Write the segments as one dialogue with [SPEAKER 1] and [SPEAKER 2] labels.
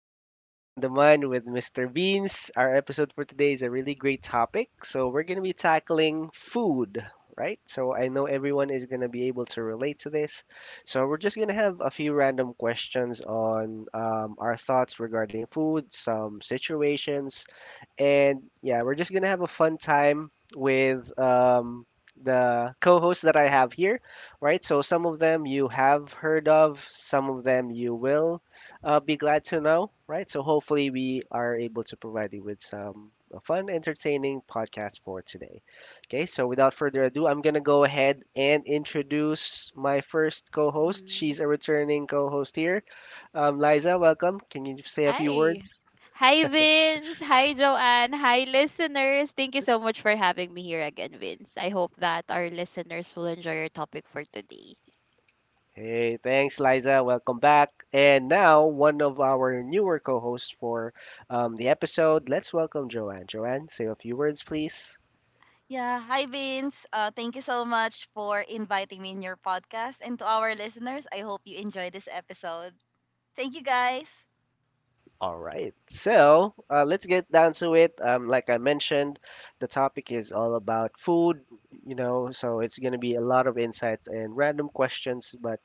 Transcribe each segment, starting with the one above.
[SPEAKER 1] Welcome to It's All in the Mind with Mr. Beans. Our episode for today is a really great topic. So, we're going to be tackling food, right? So, I know everyone is going to be able to relate to this. So, we're just going to have a few random questions on our thoughts regarding food, some situations, and yeah, we're just going to have a fun time with. The co-hosts that I have here, right? So some of them you have heard of, some of them you will, be glad to know, right? So hopefully we are able to provide you with some fun, entertaining podcast for today. Okay, so without further ado, I'm gonna go ahead and introduce my first co-host.
[SPEAKER 2] Mhm.
[SPEAKER 1] She's a returning co-host here. Liza, welcome. Can you say a few
[SPEAKER 2] Hi.
[SPEAKER 1] words?
[SPEAKER 2] Hi, Vince. Hi, Joanne. Hi, listeners. Thank you so much for having me here again, Vince. I hope that our listeners will enjoy your topic for today.
[SPEAKER 1] Hey, thanks, Liza. Welcome back. And now one of our newer co-hosts for the episode. Let's welcome Joanne. Joanne, say a few words, please.
[SPEAKER 3] Yeah, hi Vince. Thank you so much for inviting me in your podcast. And to our listeners, I hope you enjoy this episode. Thank you guys.
[SPEAKER 1] All right. So let's get down to it. Like I mentioned, the topic is all about food, you know, so it's going to be a lot of insights and random questions, but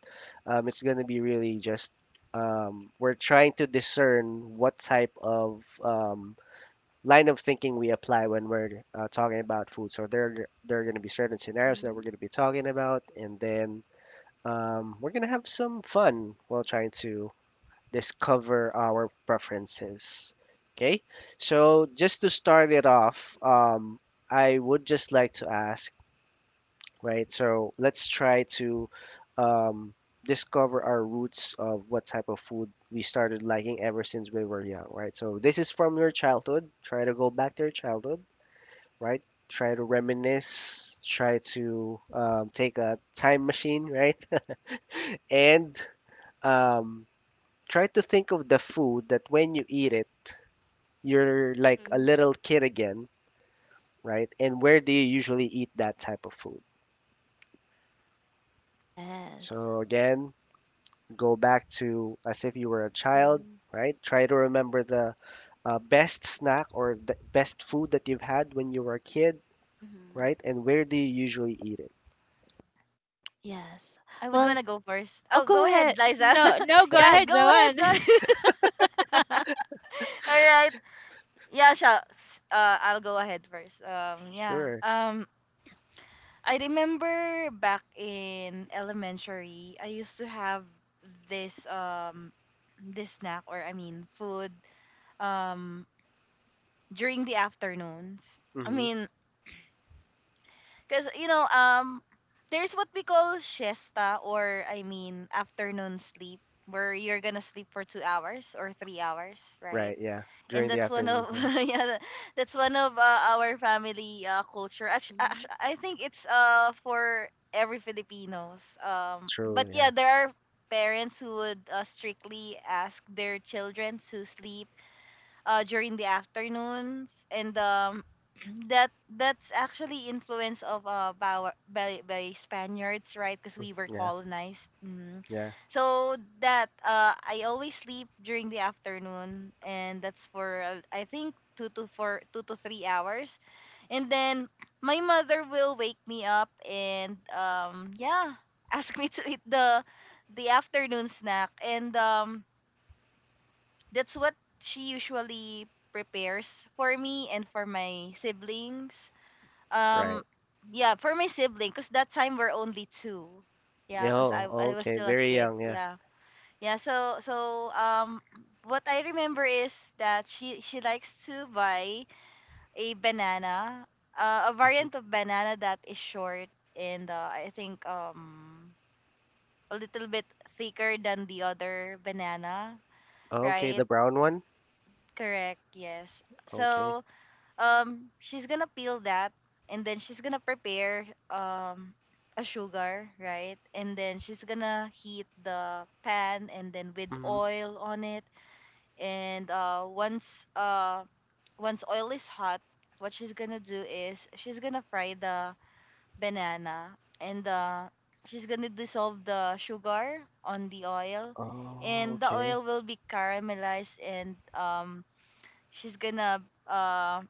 [SPEAKER 1] it's going to be really just we're trying to discern what type of line of thinking we apply when we're talking about food. So there are going to be certain scenarios that we're
[SPEAKER 2] Hmm.
[SPEAKER 1] going to be talking about, and then we're going to have some fun while trying to discover our preferences. Okay, so just to start it off, I would just like to ask, right? So let's try to um, discover our roots of what type of food we started liking ever since we were young, right? So this is from your childhood. Try to go back to your childhood, right? Try to reminisce. Try to take a time machine, right? and um, Try to think of the food that when you eat it, you're like a
[SPEAKER 2] Hmm.
[SPEAKER 1] little kid again, right? And where do you usually eat that type of food?
[SPEAKER 2] Yes.
[SPEAKER 1] So again, go back to as if you were a child,
[SPEAKER 2] Hmm.
[SPEAKER 1] right? Try to remember the best snack or the best food that you've had when you were a kid,
[SPEAKER 2] Hmm.
[SPEAKER 1] right? And where do you usually eat it?
[SPEAKER 2] Yes.
[SPEAKER 3] I would want
[SPEAKER 2] Well,
[SPEAKER 3] to go first.
[SPEAKER 2] oh,
[SPEAKER 3] Oh,
[SPEAKER 2] go
[SPEAKER 3] go
[SPEAKER 2] ahead.
[SPEAKER 3] ahead, Liza.
[SPEAKER 2] No, no, go
[SPEAKER 3] Yeah,
[SPEAKER 2] ahead,
[SPEAKER 3] go ahead,
[SPEAKER 2] Joanne.
[SPEAKER 3] go ahead. All right. Yeah, sure. I'll go ahead first. Yeah.
[SPEAKER 1] Sure.
[SPEAKER 3] I remember back in elementary, I used to have this um this snack or I mean food um during the afternoons. I
[SPEAKER 1] Mm-hmm.
[SPEAKER 3] mean, because, there's what we call siesta or, I mean, afternoon sleep, where you're gonna sleep for 2 hours or 3 hours, right?
[SPEAKER 1] Right, yeah.
[SPEAKER 3] And
[SPEAKER 1] During the
[SPEAKER 3] that's one
[SPEAKER 1] afternoon,
[SPEAKER 3] of,
[SPEAKER 1] huh?
[SPEAKER 3] yeah, that's one of our family culture.
[SPEAKER 2] Mhm.
[SPEAKER 3] I think it's for every Filipinos. But
[SPEAKER 1] True,
[SPEAKER 3] yeah,
[SPEAKER 1] yeah.
[SPEAKER 3] there are parents who would strictly ask their children to sleep during the afternoons, and that that's actually influence of by Spaniards, right? Because we were
[SPEAKER 1] Yeah,
[SPEAKER 3] colonized. Mm.
[SPEAKER 1] yeah.
[SPEAKER 3] So that I always sleep during the afternoon, and that's for I think 2 to 3 hours, and then my mother will wake me up and yeah ask me to eat the afternoon snack, and that's what she usually prepares for me and for my siblings.
[SPEAKER 1] Right.
[SPEAKER 3] Um, yeah, for my sibling, cause that time we're only two. Yeah,
[SPEAKER 1] Yeah.
[SPEAKER 3] cause I
[SPEAKER 1] Oh,
[SPEAKER 3] I was
[SPEAKER 1] okay.
[SPEAKER 3] still a
[SPEAKER 1] Very
[SPEAKER 3] kid.
[SPEAKER 1] young, yeah.
[SPEAKER 3] Yeah, yeah. So what I remember is that she likes to buy a banana, a
[SPEAKER 1] hmm
[SPEAKER 3] variant of banana that is short and I think a little bit thicker than the other banana,
[SPEAKER 1] Okay,
[SPEAKER 3] right?
[SPEAKER 1] the brown one?
[SPEAKER 3] Correct, yes.
[SPEAKER 1] Okay.
[SPEAKER 3] So, she's gonna peel that and then she's gonna prepare um a sugar, right? And then she's gonna heat the pan and then with
[SPEAKER 1] Mhm.
[SPEAKER 3] oil on it. And once oil is hot, what she's gonna do is she's gonna fry the banana and she's gonna dissolve the sugar on the oil,
[SPEAKER 1] Oh,
[SPEAKER 3] and the
[SPEAKER 1] okay.
[SPEAKER 3] oil will be caramelized and she's gonna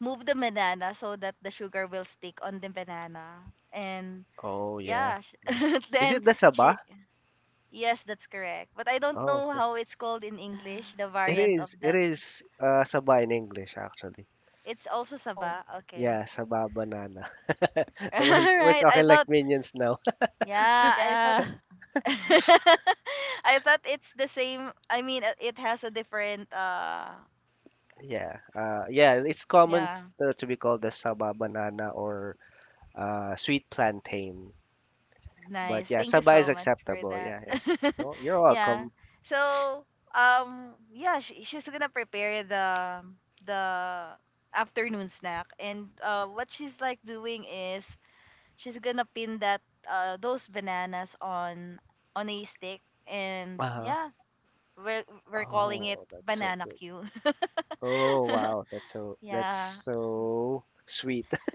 [SPEAKER 3] move the banana so that the sugar will stick on the banana. And
[SPEAKER 1] Oh, yeah.
[SPEAKER 3] yeah,
[SPEAKER 1] Yeah. Is
[SPEAKER 3] then
[SPEAKER 1] it the
[SPEAKER 3] she,
[SPEAKER 1] Sabah?
[SPEAKER 3] yes, that's correct, but I don't
[SPEAKER 1] Oh,
[SPEAKER 3] know
[SPEAKER 1] okay.
[SPEAKER 3] how it's called in
[SPEAKER 2] Yeah.
[SPEAKER 3] English, the
[SPEAKER 1] It
[SPEAKER 3] variant
[SPEAKER 1] is.
[SPEAKER 3] of
[SPEAKER 1] It
[SPEAKER 3] that.
[SPEAKER 1] is uh, Sabah in English, actually.
[SPEAKER 3] It's also
[SPEAKER 2] Oh,
[SPEAKER 3] saba. Okay.
[SPEAKER 1] Yeah, Sabah banana. We're
[SPEAKER 3] Right, i
[SPEAKER 1] talking like
[SPEAKER 3] thought
[SPEAKER 1] minions now.
[SPEAKER 3] Yeah, I thought.
[SPEAKER 2] yeah.
[SPEAKER 3] I thought it's the same. It has a different
[SPEAKER 1] Yeah. Yeah. It's common
[SPEAKER 3] yeah.
[SPEAKER 1] to be called the Sabah banana or sweet plantain. But
[SPEAKER 3] Nice.
[SPEAKER 1] yeah,
[SPEAKER 3] Thank you
[SPEAKER 1] Sabah is
[SPEAKER 3] so much for
[SPEAKER 1] acceptable.
[SPEAKER 3] that.
[SPEAKER 1] Yeah, yeah. No, you're
[SPEAKER 3] Yeah.
[SPEAKER 1] welcome.
[SPEAKER 3] So, yeah, she's gonna prepare the the afternoon snack, and what she's like doing is she's gonna pin that those bananas on a stick, and
[SPEAKER 1] Uh-huh.
[SPEAKER 3] yeah, we're we're calling it
[SPEAKER 1] Oh, that's so
[SPEAKER 3] banana
[SPEAKER 1] good.
[SPEAKER 3] queue.
[SPEAKER 1] Oh, wow. That's so that's
[SPEAKER 3] Yeah.
[SPEAKER 1] so sweet.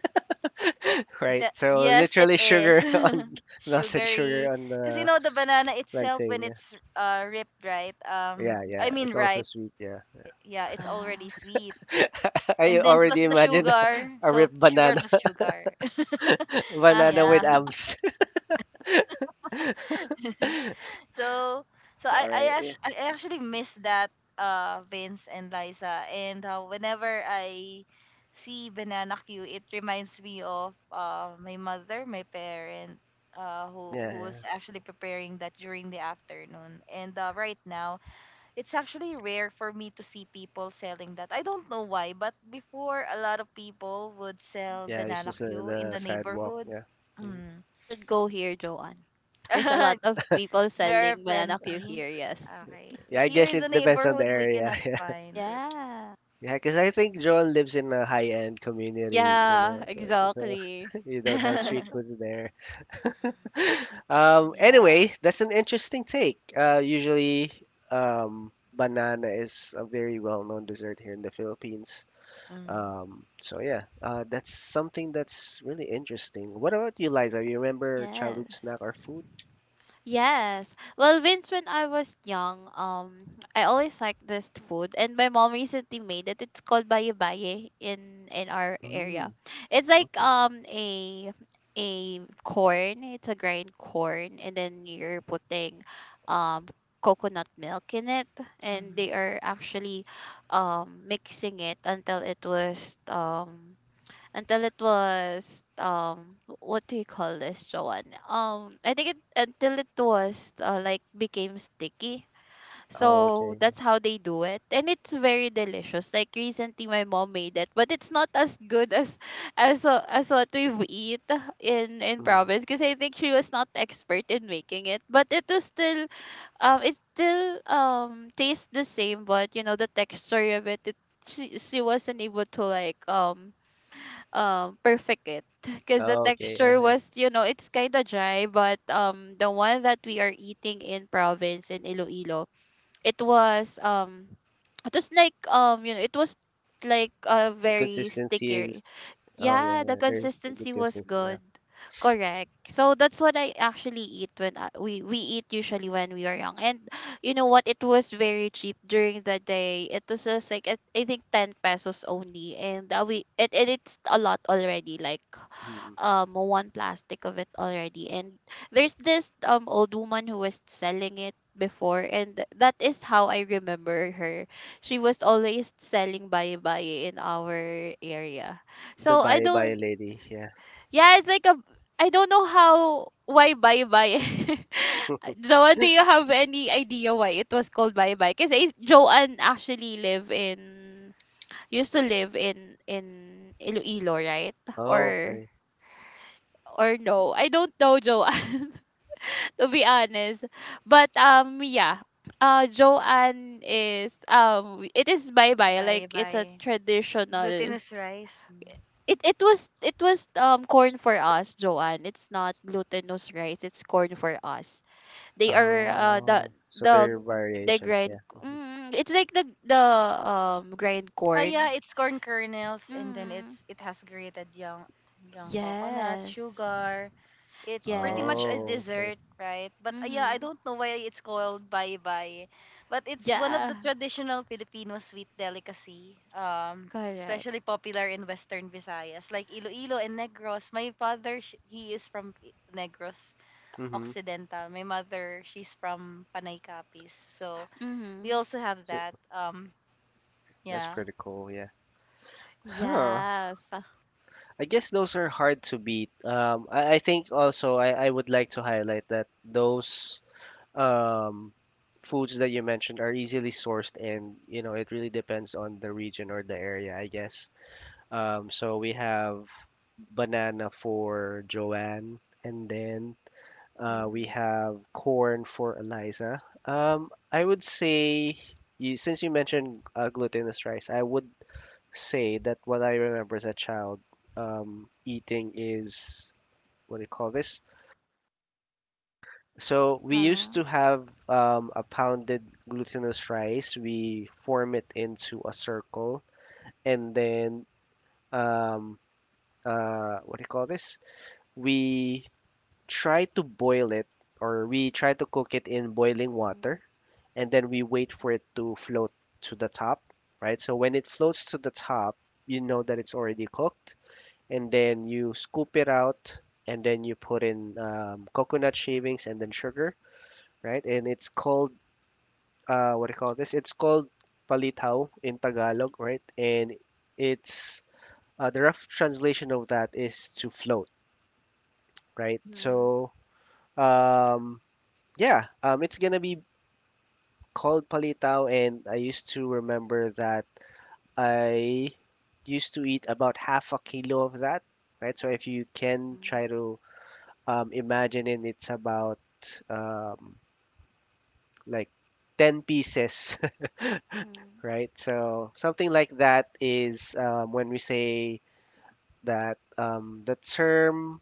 [SPEAKER 1] Right.
[SPEAKER 3] The,
[SPEAKER 1] So
[SPEAKER 3] yes, it
[SPEAKER 1] literally
[SPEAKER 3] is
[SPEAKER 1] sugar on melted sugar
[SPEAKER 3] sugary.
[SPEAKER 1] on
[SPEAKER 3] Because you
[SPEAKER 1] the
[SPEAKER 3] know the banana itself when
[SPEAKER 1] plantain.
[SPEAKER 3] it's ripped, right?
[SPEAKER 1] Yeah,
[SPEAKER 3] I
[SPEAKER 1] yeah.
[SPEAKER 3] mean
[SPEAKER 1] It's also
[SPEAKER 3] ripe.
[SPEAKER 1] sweet, yeah.
[SPEAKER 3] Yeah, it's already
[SPEAKER 2] Yeah.
[SPEAKER 3] sweet.
[SPEAKER 1] I
[SPEAKER 3] And then plus
[SPEAKER 1] already
[SPEAKER 3] the
[SPEAKER 1] imagine
[SPEAKER 3] sugar,
[SPEAKER 1] a
[SPEAKER 3] so
[SPEAKER 1] ripped
[SPEAKER 3] sugar
[SPEAKER 1] banana.
[SPEAKER 3] plus sugar.
[SPEAKER 2] Yeah.
[SPEAKER 1] Banana with
[SPEAKER 3] Yeah.
[SPEAKER 1] abs.
[SPEAKER 3] So
[SPEAKER 1] All right. Yeah.
[SPEAKER 3] I actually miss that, Vince and Liza, and whenever I see Banana Q it reminds me of my mother, my parent, who
[SPEAKER 1] Yeah,
[SPEAKER 3] who was
[SPEAKER 1] yeah.
[SPEAKER 3] actually preparing that during the afternoon. And right now it's actually rare for me to see people selling that. I don't know why, but before a lot of people would sell
[SPEAKER 1] Yeah, it's
[SPEAKER 3] Banana
[SPEAKER 1] just
[SPEAKER 3] Q in
[SPEAKER 1] the
[SPEAKER 3] the
[SPEAKER 1] sidewalk,
[SPEAKER 3] neighborhood.
[SPEAKER 1] yeah. Mhm.
[SPEAKER 3] Mm.
[SPEAKER 2] You should go here, Joanne. There's a lot of people
[SPEAKER 3] There are
[SPEAKER 2] selling banana Q
[SPEAKER 3] plenty.
[SPEAKER 2] here, yes.
[SPEAKER 3] Okay.
[SPEAKER 1] Yeah, I
[SPEAKER 3] Here
[SPEAKER 1] guess
[SPEAKER 3] in the
[SPEAKER 1] it depends on the
[SPEAKER 3] neighborhood, we
[SPEAKER 1] area.
[SPEAKER 3] cannot find it.
[SPEAKER 2] Yeah.
[SPEAKER 1] Yeah, yeah, because I think John lives in a high-end community. You know,
[SPEAKER 2] Yeah,
[SPEAKER 1] so,
[SPEAKER 2] exactly.
[SPEAKER 1] so you don't have street
[SPEAKER 2] Yes.
[SPEAKER 1] food there.
[SPEAKER 3] Yeah.
[SPEAKER 1] Anyway, that's an interesting take. Usually, banana is a very well-known dessert here in the Philippines.
[SPEAKER 3] Mm-hmm.
[SPEAKER 1] So yeah, that's something that's really interesting. What about you, Liza? You remember childhood
[SPEAKER 2] Yes.
[SPEAKER 1] snack or food?
[SPEAKER 2] Yes. Well, Vince, when I was young, I always liked this food, and my mom recently made it. It's called baye baye in our area.
[SPEAKER 1] Mm,
[SPEAKER 2] It's like
[SPEAKER 1] okay.
[SPEAKER 2] a corn. It's a grind corn, and then you're putting um coconut milk in it, and they are actually mixing it until it was what do you call this, Joanne? I think it until it was like became sticky.
[SPEAKER 1] Oh,
[SPEAKER 2] So
[SPEAKER 1] okay, yeah.
[SPEAKER 2] that's how they do it. And it's very delicious. Like recently my mom made it, but it's not as good as as what we've eat in
[SPEAKER 1] Mm.
[SPEAKER 2] province because I think she was not expert in making it. But it was still it still tastes the same, but you know the texture of it she wasn't able to like perfect it because the
[SPEAKER 1] Oh, okay.
[SPEAKER 2] texture
[SPEAKER 1] Uh-huh.
[SPEAKER 2] was it's kind of dry but the one that we are eating in province in Iloilo it was it was, like, it was, like, a very
[SPEAKER 1] Consistency is.
[SPEAKER 2] sticky,
[SPEAKER 1] Oh yeah,
[SPEAKER 2] yeah, the
[SPEAKER 1] yeah. There's a good
[SPEAKER 2] consistency was
[SPEAKER 1] consistency. Yeah.
[SPEAKER 2] good. Correct. So that's what I actually eat when I, we eat usually when we are young. And you know what? It was very cheap during the day. It was just like I think 10 pesos only, and we it, it it's a lot already. Like
[SPEAKER 1] Mm.
[SPEAKER 2] one plastic of it already and there's this old woman who was selling it before and that is how I remember her. She was always selling baye baye in our area.
[SPEAKER 1] The
[SPEAKER 2] So I
[SPEAKER 1] bye bye
[SPEAKER 2] don't.
[SPEAKER 1] lady. Yeah.
[SPEAKER 2] Yeah, it's like a I don't know how, why baye baye. Joanne, do you have any idea why it was called baye baye? Because Joanne actually live in used to live in Iloilo, right?
[SPEAKER 1] Oh,
[SPEAKER 2] Or
[SPEAKER 1] okay.
[SPEAKER 2] or no. I don't know, Joanne, to be honest. But yeah. Joanne is it is bye bye,
[SPEAKER 3] Bye
[SPEAKER 2] like it's a
[SPEAKER 3] bye.
[SPEAKER 2] traditional
[SPEAKER 3] Glutinous rice. Mm.
[SPEAKER 2] it was corn for us, Joanne. It's not glutinous rice, it's corn for us. They are
[SPEAKER 1] Oh. So
[SPEAKER 2] the
[SPEAKER 1] there are
[SPEAKER 2] they
[SPEAKER 1] variations. Yeah.
[SPEAKER 2] grind
[SPEAKER 1] Mm-hmm.
[SPEAKER 2] it's like the grind
[SPEAKER 3] Ah,
[SPEAKER 2] corn.
[SPEAKER 3] yeah, it's corn kernels, and then
[SPEAKER 2] Mm,
[SPEAKER 3] it has grated young coconut,
[SPEAKER 2] yes.
[SPEAKER 3] sugar. It's pretty much
[SPEAKER 2] Yes.
[SPEAKER 3] a
[SPEAKER 1] Oh, okay.
[SPEAKER 3] dessert, right? But yeah, I
[SPEAKER 2] Mhm.
[SPEAKER 3] don't know why it's called baybay. But it's one of the
[SPEAKER 2] Yeah.
[SPEAKER 3] traditional Filipino sweet delicacy,
[SPEAKER 2] Correct.
[SPEAKER 3] especially popular in Western Visayas, like Iloilo and Negros. My father, he is from Negros
[SPEAKER 1] hmm
[SPEAKER 3] Occidental. My mother, she's from Panay Capiz. So we
[SPEAKER 2] Mhm.
[SPEAKER 3] also have
[SPEAKER 1] So,
[SPEAKER 3] that.
[SPEAKER 1] that's
[SPEAKER 3] Yeah,
[SPEAKER 1] pretty cool, yeah. Huh.
[SPEAKER 2] Yes.
[SPEAKER 1] I guess those are hard to beat. Um, I think also I would like to highlight that those um, foods that you mentioned are easily sourced and, you know, it really depends on the region or the area, I guess. So we have banana for Joanne, and then we
[SPEAKER 2] Mhm.
[SPEAKER 1] have corn for Eliza. I would say you, since you mentioned glutinous rice, I would say that what I remember as a child eating is what do you call this? So we used
[SPEAKER 2] Uh-huh.
[SPEAKER 1] to have a pounded glutinous rice. We form it into a circle, and then um, what do you call this? We try to boil it, or we try to cook it in boiling water,
[SPEAKER 2] Mhm.
[SPEAKER 1] and then we wait for it to float to the top, right? So when it floats to the top, you know that it's already cooked and then you scoop it out and then you put in coconut shavings and then sugar, right? And it's called what do you call this? It's called palitaw in Tagalog, right? And it's the rough translation of that is to float, right?
[SPEAKER 2] Mhm.
[SPEAKER 1] So um, yeah, it's gonna be called palitaw, and I used to remember that I used to eat about half a kilo of that, right? So if you can
[SPEAKER 2] Mhm.
[SPEAKER 1] try to imagining it's about um, like 10 pieces,
[SPEAKER 2] Mhm.
[SPEAKER 1] right? So something like that is when we say that the term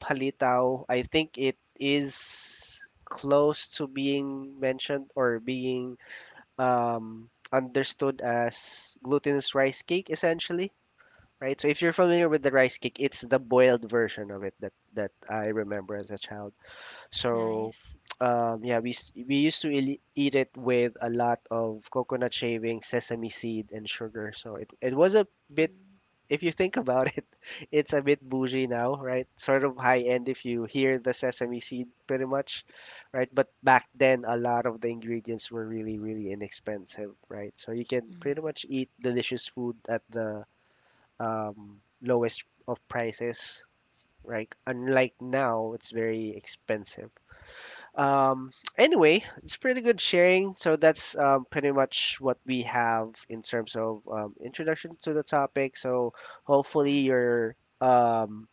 [SPEAKER 1] palitaw, I think it is close to being mentioned or being understood as glutinous rice cake, essentially. Right, so if you're familiar with the rice cake, it's the boiled version of it that I remember as a child. So,
[SPEAKER 3] nice.
[SPEAKER 1] yeah, we used to eat it with a lot of coconut shavings, sesame seed, and sugar. So it was a bit,
[SPEAKER 2] Mhm.
[SPEAKER 1] if you think about it, it's a bit bougie now, right? Sort of high end if you hear the sesame seed, pretty much, right? But back then, a lot of the ingredients were really, really inexpensive, right? So you can pretty
[SPEAKER 3] Mhm.
[SPEAKER 1] much eat delicious food at the lowest of prices, right? Unlike now, it's very expensive. Um, anyway, it's pretty good sharing. So that's pretty much what we have in terms of introduction to the topic. So hopefully
[SPEAKER 2] Yeah.
[SPEAKER 1] your um,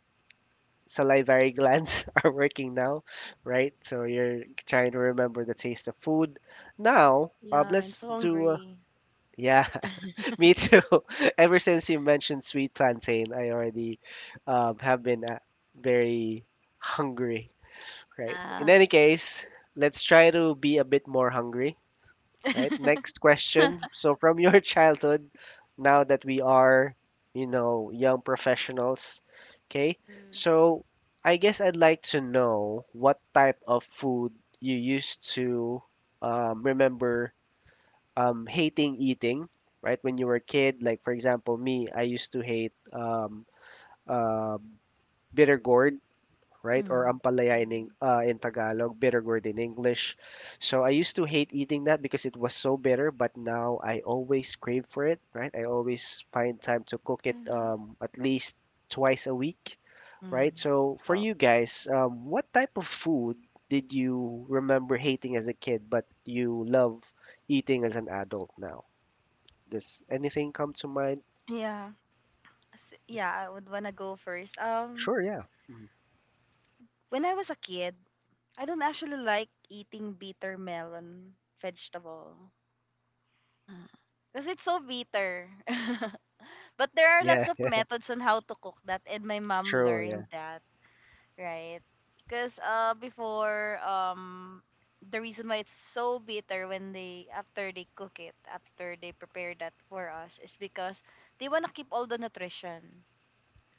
[SPEAKER 1] salivary glands are working now, right? So you're trying to remember the taste of food. Now,
[SPEAKER 3] Yeah, I'm
[SPEAKER 1] let's
[SPEAKER 3] so
[SPEAKER 1] do.
[SPEAKER 3] hungry.
[SPEAKER 1] Yeah, me too. Ever since you mentioned sweet plantain, I already have been very hungry. Right. In
[SPEAKER 2] Yes.
[SPEAKER 1] any case, let's try to be a bit more hungry. Right. Next question. So, from your childhood, now that we are, you know, young professionals, okay.
[SPEAKER 2] Mhm.
[SPEAKER 1] So, I guess I'd like to know what type of food you used to remember hating eating, right? When you were a kid, like for example, me, I used to hate uh, bitter gourd, right? Or
[SPEAKER 3] Mhm.
[SPEAKER 1] ampalaya in,
[SPEAKER 2] Mhm.
[SPEAKER 1] In Tagalog, bitter gourd in English. So I used to hate eating that because it was so bitter, but now I always crave for it, right? I always find time to cook it
[SPEAKER 2] Mhm.
[SPEAKER 1] at least twice a week, right?
[SPEAKER 3] Mhm.
[SPEAKER 1] So for
[SPEAKER 2] Oh.
[SPEAKER 1] you guys, what type of food did you remember hating as a kid, but you love eating as an adult now? Does anything come to mind?
[SPEAKER 3] Yeah. Yeah, I would wanna go first.
[SPEAKER 1] Sure, yeah. Mm.
[SPEAKER 3] When I was a kid, I don't actually like eating bitter melon vegetable
[SPEAKER 2] Uh-huh.
[SPEAKER 3] because it's so bitter. But there are
[SPEAKER 1] Yeah,
[SPEAKER 3] lots of methods on how to cook that, and my mom
[SPEAKER 1] true, yeah.
[SPEAKER 3] learned that. Right. Because before, the reason why it's so bitter when they, after they cook it, after they prepare that for us, is because they want to keep all the nutrition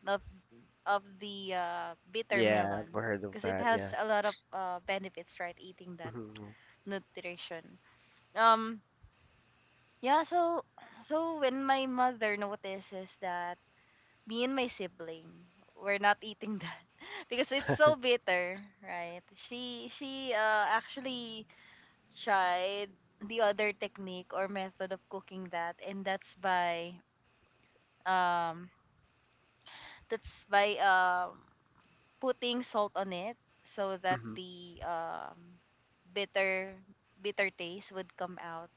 [SPEAKER 3] of, of the bitter
[SPEAKER 1] Yeah, I've
[SPEAKER 3] melon.
[SPEAKER 1] heard of
[SPEAKER 3] Because it
[SPEAKER 1] that,
[SPEAKER 3] has
[SPEAKER 1] yeah.
[SPEAKER 3] a lot of benefits, right? Eating that
[SPEAKER 1] hmm
[SPEAKER 3] nutrition. Um, yeah, so, so when my mother notices that me and my sibling we're not eating that because it's so bitter, right, she actually tried the other technique or method of cooking that, and that's by um that's by uh, putting salt on it so that the bitter bitter taste would come out,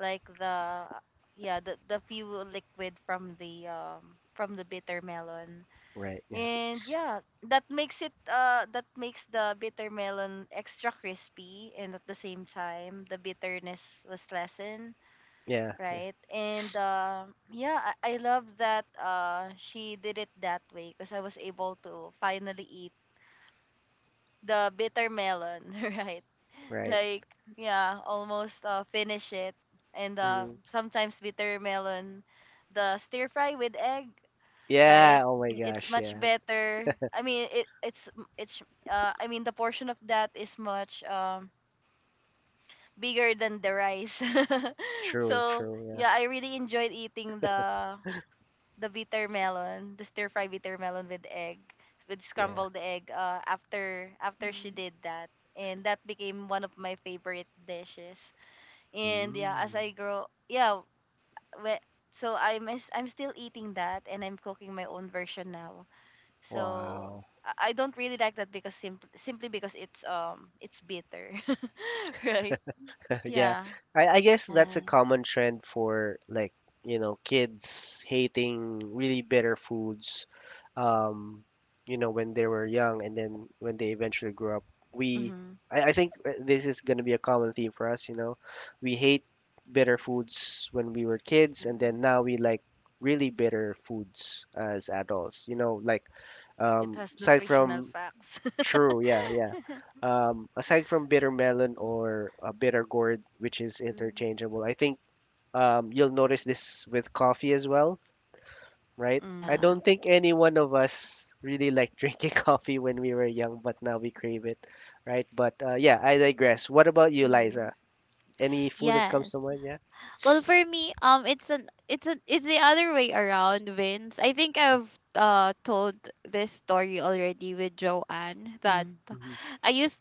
[SPEAKER 3] like the yeah the few liquid from the bitter melon.
[SPEAKER 1] Right, yeah.
[SPEAKER 3] And yeah, that makes it that makes the bitter melon extra crispy, and at the same time the bitterness was lessened,
[SPEAKER 1] Yeah,
[SPEAKER 3] right? And yeah, I love that she did it that way because I was able to finally eat the bitter melon, right?
[SPEAKER 1] right.
[SPEAKER 3] Like yeah, almost finish it. And
[SPEAKER 1] Mhm.
[SPEAKER 3] sometimes bitter melon, the stir fry with egg, right?
[SPEAKER 1] Yeah, oh my
[SPEAKER 3] It's
[SPEAKER 1] gosh,
[SPEAKER 3] much
[SPEAKER 1] yeah.
[SPEAKER 3] better. I mean, it's it's the portion of that is much bigger than the rice.
[SPEAKER 1] True,
[SPEAKER 3] So
[SPEAKER 1] true, yeah.
[SPEAKER 3] yeah, I really enjoyed eating the bitter melon, the stir fry bitter melon with egg, with
[SPEAKER 1] Yeah.
[SPEAKER 3] scrambled egg. After after she
[SPEAKER 2] Mhm.
[SPEAKER 3] did that, and that became one of my favorite dishes. And yeah, as I
[SPEAKER 1] Mm.
[SPEAKER 3] grow, yeah, we, so I'm still eating that, and I'm cooking my own version now, so
[SPEAKER 1] Wow.
[SPEAKER 3] I don't really like that because simply because it's bitter, right?
[SPEAKER 1] Yeah.
[SPEAKER 3] Yeah.
[SPEAKER 1] I guess that's a
[SPEAKER 2] Yeah.
[SPEAKER 1] common trend for like, you know, kids hating really bitter foods, um, you know, when they were young and then when they eventually grew up. We,
[SPEAKER 3] Mm-hmm.
[SPEAKER 1] I think this is going to be a common theme for us, you know. We hate bitter foods when we were kids and
[SPEAKER 2] Mhm.
[SPEAKER 1] then now we like really bitter foods as adults, you know, like
[SPEAKER 3] It has
[SPEAKER 1] aside
[SPEAKER 3] nutritional
[SPEAKER 1] from
[SPEAKER 3] facts.
[SPEAKER 1] True, yeah, yeah. Aside from bitter melon or bitter gourd, which is
[SPEAKER 2] Mhm.
[SPEAKER 1] interchangeable, I think you'll notice this with coffee as well, right? I
[SPEAKER 3] Mm.
[SPEAKER 2] Yeah.
[SPEAKER 1] don't think any one of us really liked drinking coffee when we were young, but now we crave it, right? But yeah, I digress. What about you,
[SPEAKER 2] Mm-hmm.
[SPEAKER 1] Liza? Any food that comes
[SPEAKER 2] Yes.
[SPEAKER 1] to mind? Yeah.
[SPEAKER 2] Well, for me, it's the other way around, Vince. I think I've told this story already with Joanne that
[SPEAKER 3] Mm.
[SPEAKER 1] hmm
[SPEAKER 2] I used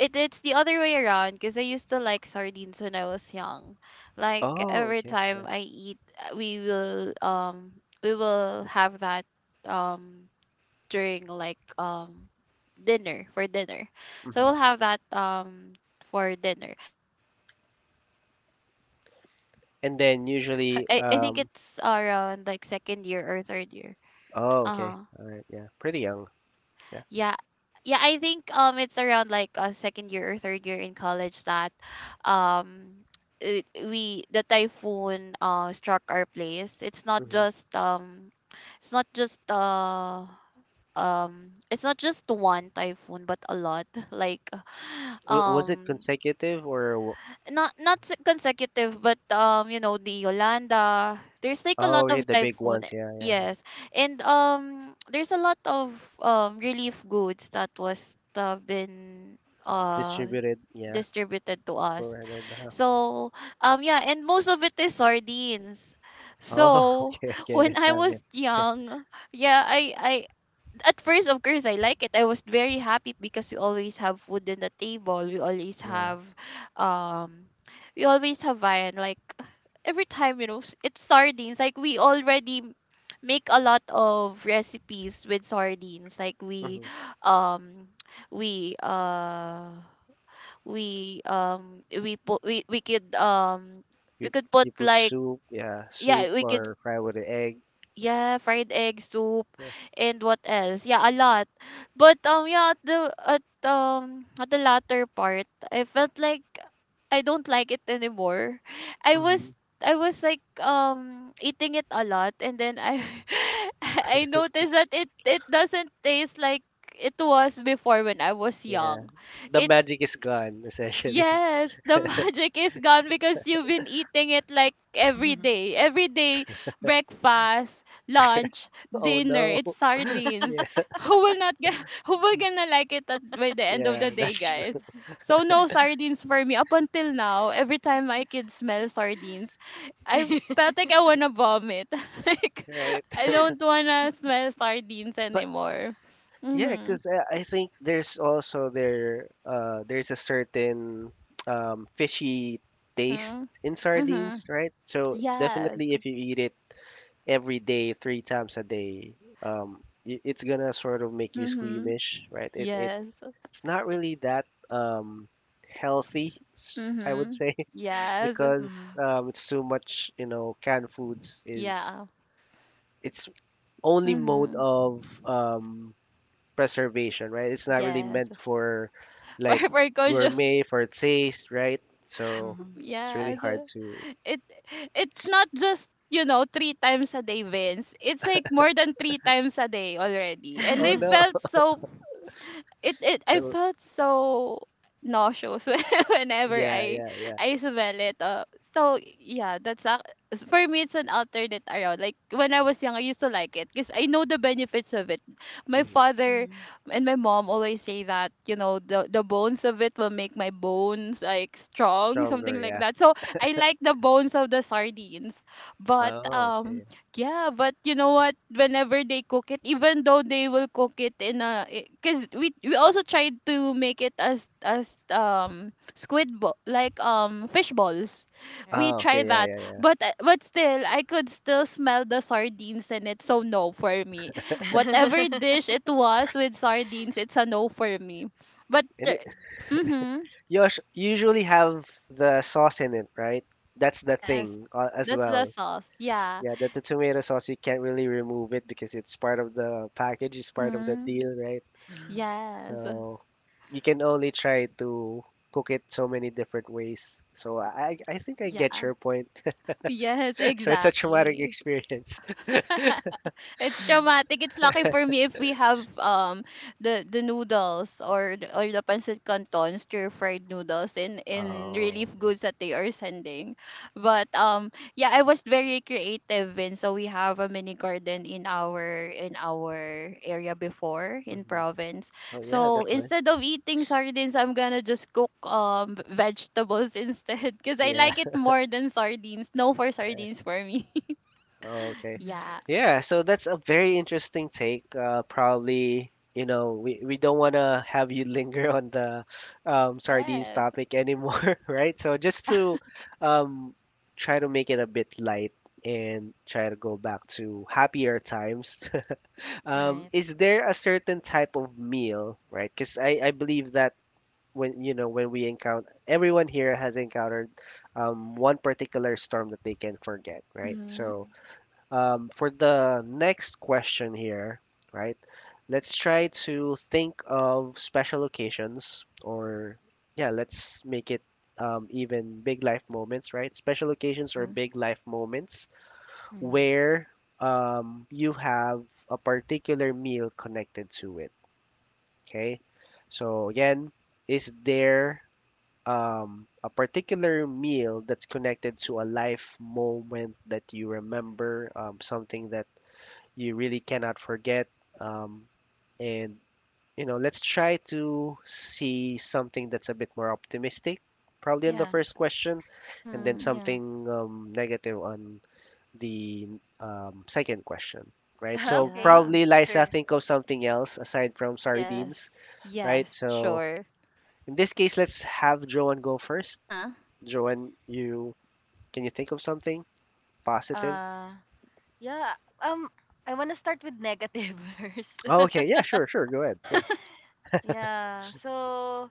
[SPEAKER 2] it, it's the other way around because I used to like sardines when I was young. Like
[SPEAKER 1] Oh,
[SPEAKER 2] every
[SPEAKER 1] okay. Yeah.
[SPEAKER 2] time I eat, we will have that um during dinner for dinner. So
[SPEAKER 1] hmm
[SPEAKER 2] we'll have that for dinner. I think it's
[SPEAKER 1] And
[SPEAKER 2] around
[SPEAKER 1] then
[SPEAKER 2] like
[SPEAKER 1] usually,
[SPEAKER 2] second year or third year.
[SPEAKER 1] oh, okay.
[SPEAKER 2] Uh
[SPEAKER 1] All right. Yeah. Pretty young. Yeah.
[SPEAKER 2] Yeah. Yeah, I think it's around like a second year or third year in college that um it, we the typhoon struck our place. It's not
[SPEAKER 1] hmm
[SPEAKER 2] just um it's not just one typhoon but a lot like
[SPEAKER 1] W- was it
[SPEAKER 2] um
[SPEAKER 1] consecutive or
[SPEAKER 2] not consecutive but you know the Yolanda, there's like a
[SPEAKER 1] Oh,
[SPEAKER 2] lot
[SPEAKER 1] yeah,
[SPEAKER 2] of
[SPEAKER 1] the big
[SPEAKER 2] typhoon,
[SPEAKER 1] ones. Yeah, yeah, yeah.
[SPEAKER 2] yes, and there's a lot of relief goods that was been uh
[SPEAKER 1] Distributed, yeah,
[SPEAKER 2] distributed to us,
[SPEAKER 1] provided. Uh-huh.
[SPEAKER 2] so yeah, and most of it is sardines,
[SPEAKER 1] Oh,
[SPEAKER 2] so
[SPEAKER 1] okay, I get
[SPEAKER 2] when
[SPEAKER 1] it.
[SPEAKER 2] I
[SPEAKER 1] Yeah,
[SPEAKER 2] was young, yeah, I at first, of course, I like it. I was very happy because we always have food on the table.
[SPEAKER 1] yeah.
[SPEAKER 2] Um, we always have Hawaiian. Like every time, it's sardines. Like we already make a lot of recipes with sardines. Like
[SPEAKER 1] hmm
[SPEAKER 2] um, we uh, we put, we
[SPEAKER 1] You
[SPEAKER 2] could put,
[SPEAKER 1] you put
[SPEAKER 2] like,
[SPEAKER 1] soup, yeah, soup
[SPEAKER 2] yeah we could
[SPEAKER 1] or fry with an egg.
[SPEAKER 2] yeah, fried egg soup
[SPEAKER 1] Yeah.
[SPEAKER 2] and what else? Yeah, a lot. But yeah, at the latter part, I felt like I don't like it anymore. I
[SPEAKER 1] hmm
[SPEAKER 2] was I was like eating it a lot and then I I noticed that it doesn't taste like it was before when I was
[SPEAKER 1] Yeah.
[SPEAKER 2] young.
[SPEAKER 1] The
[SPEAKER 2] It
[SPEAKER 1] magic is gone, essentially.
[SPEAKER 2] Yes, the magic is gone because you've been eating it like every
[SPEAKER 3] Mm.
[SPEAKER 2] day. Every day, breakfast, lunch,
[SPEAKER 1] Oh
[SPEAKER 2] dinner,
[SPEAKER 1] no.
[SPEAKER 2] it's sardines.
[SPEAKER 1] Yeah,
[SPEAKER 2] Who will not get who will gonna like it by the end of the
[SPEAKER 1] yeah, that's
[SPEAKER 2] day,
[SPEAKER 1] true,
[SPEAKER 2] guys?
[SPEAKER 3] Mm.
[SPEAKER 2] So no sardines for me up until now. Every time my kids smell sardines, I felt like I wanna vomit. Like
[SPEAKER 1] right?
[SPEAKER 2] I don't wanna smell sardines
[SPEAKER 1] But
[SPEAKER 2] anymore.
[SPEAKER 1] yeah,
[SPEAKER 2] Mhm.
[SPEAKER 1] because I think there's also there's a certain fishy taste
[SPEAKER 2] Mhm.
[SPEAKER 1] in
[SPEAKER 2] Mhm.
[SPEAKER 1] sardines, right? So
[SPEAKER 2] Yes.
[SPEAKER 1] definitely if you eat it every day, 3 times a day, it's gonna sort of make you
[SPEAKER 2] Mhm.
[SPEAKER 1] squeamish, right? It's
[SPEAKER 2] Yes.
[SPEAKER 1] not really that healthy, I would
[SPEAKER 2] Mm-hmm.
[SPEAKER 1] say,
[SPEAKER 2] Yes.
[SPEAKER 1] because it's too much. Canned foods is
[SPEAKER 2] Yeah.
[SPEAKER 1] it's only mode
[SPEAKER 2] Mm-hmm.
[SPEAKER 1] of preservation, right? It's not really
[SPEAKER 2] Yes.
[SPEAKER 1] meant for like
[SPEAKER 2] Wherever Kojo.
[SPEAKER 1] gourmet for taste, right? So it's really
[SPEAKER 2] Yes.
[SPEAKER 1] hard to.
[SPEAKER 2] It it's not just, three times a day, Vince. It's like more than three times a day already. And
[SPEAKER 1] Oh
[SPEAKER 3] Mm. Mm.
[SPEAKER 1] no!
[SPEAKER 2] I
[SPEAKER 1] So
[SPEAKER 2] felt so nauseous whenever
[SPEAKER 1] yeah,
[SPEAKER 2] I
[SPEAKER 1] yeah, yeah.
[SPEAKER 2] I smell it. So yeah, for me it's an alternate around. Like when I was young, I used to like it because I know the benefits of it. My
[SPEAKER 1] Hmm.
[SPEAKER 2] father and my mom always say that you know the bones of it will make my bones like strong,
[SPEAKER 1] Stronger,
[SPEAKER 2] something like
[SPEAKER 1] yeah.
[SPEAKER 2] that. So I like the bones of the sardines, but
[SPEAKER 1] Oh, okay.
[SPEAKER 2] yeah, but you know what? Whenever they cook it, even though they will cook it because we also tried to make it as squid ball like fish balls, we
[SPEAKER 3] Right.
[SPEAKER 1] Oh, okay,
[SPEAKER 2] tried
[SPEAKER 1] yeah,
[SPEAKER 2] that.
[SPEAKER 1] yeah, yeah.
[SPEAKER 2] But still, I could still smell the sardines in it. So no for me. Whatever dish it was with sardines, it's a no for me. But
[SPEAKER 1] And
[SPEAKER 2] uh,
[SPEAKER 1] it,
[SPEAKER 2] mm-hmm,
[SPEAKER 1] you usually have the sauce in it, right? That's the
[SPEAKER 2] yes,
[SPEAKER 1] thing as
[SPEAKER 2] that's the
[SPEAKER 1] well.
[SPEAKER 2] sauce. Yeah.
[SPEAKER 1] Yeah, that the tomato sauce, you can't really remove it because it's part of the package, it's part of the
[SPEAKER 2] Mm-hmm.
[SPEAKER 1] deal, right?
[SPEAKER 3] Mm.
[SPEAKER 2] Yes.
[SPEAKER 1] So you can only try to cook it so many different ways. So I think I get
[SPEAKER 2] Yeah.
[SPEAKER 1] your point.
[SPEAKER 2] Yes,
[SPEAKER 1] So it's a traumatic
[SPEAKER 2] exactly.
[SPEAKER 1] experience.
[SPEAKER 2] It's
[SPEAKER 3] Mm.
[SPEAKER 2] traumatic. It's lucky for me if we have the noodles or the pancit canton stir fried noodles in
[SPEAKER 3] Right.
[SPEAKER 2] in
[SPEAKER 1] Oh,
[SPEAKER 2] relief goods that they are sending. But yeah, I was very creative and so we have a mini garden in our area before
[SPEAKER 1] yeah.
[SPEAKER 2] in
[SPEAKER 1] Mhm.
[SPEAKER 2] province.
[SPEAKER 1] Oh, yeah,
[SPEAKER 2] So
[SPEAKER 1] that's nice.
[SPEAKER 2] instead of eating sardines, I'm gonna just cook vegetables instead because I
[SPEAKER 1] Yeah.
[SPEAKER 2] like it more than sardines. No for sardines for me.
[SPEAKER 1] Okay.
[SPEAKER 3] Mm.
[SPEAKER 2] Yeah.
[SPEAKER 1] Yeah, so that's a very interesting take. Probably, we don't want to have you linger on the sardines
[SPEAKER 2] Yes.
[SPEAKER 1] topic anymore, right? So just
[SPEAKER 2] Yeah.
[SPEAKER 1] to um, try to make it a bit light and try to go back to happier times.
[SPEAKER 3] Right.
[SPEAKER 1] Is there a certain type of meal, right? Because I believe that when we encounter, everyone here has encountered one particular storm that they can forget, right?
[SPEAKER 2] Mhm.
[SPEAKER 1] So for the next question here, right? Let's try to think of special occasions, or yeah, let's make it even big life moments, right? Special occasions or
[SPEAKER 2] Mhm.
[SPEAKER 1] big life moments
[SPEAKER 3] Mm.
[SPEAKER 1] where you have a particular meal connected to it. Okay. So again, is there a particular meal that's connected to a life moment that you remember, something that you really cannot forget. Um, and let's try to see something that's a bit more optimistic, probably on the
[SPEAKER 3] Yeah.
[SPEAKER 1] first question, and then
[SPEAKER 2] Mhm.
[SPEAKER 3] Yeah.
[SPEAKER 1] something negative on the second question, right? So
[SPEAKER 3] Okay.
[SPEAKER 2] Yeah.
[SPEAKER 1] probably Liza,
[SPEAKER 3] Sure.
[SPEAKER 1] think of something else aside from sardines,
[SPEAKER 2] Yes.
[SPEAKER 1] right?
[SPEAKER 2] Yes,
[SPEAKER 1] So
[SPEAKER 2] sure.
[SPEAKER 1] in this case, let's have Joanne go first.
[SPEAKER 2] Uh-huh.
[SPEAKER 1] Joanne, you can you think of something positive?
[SPEAKER 3] Uh. Yeah. Um. I wanna start with negative first.
[SPEAKER 1] Oh, okay, yeah, sure, sure, go ahead. Yeah.
[SPEAKER 3] Yeah. So,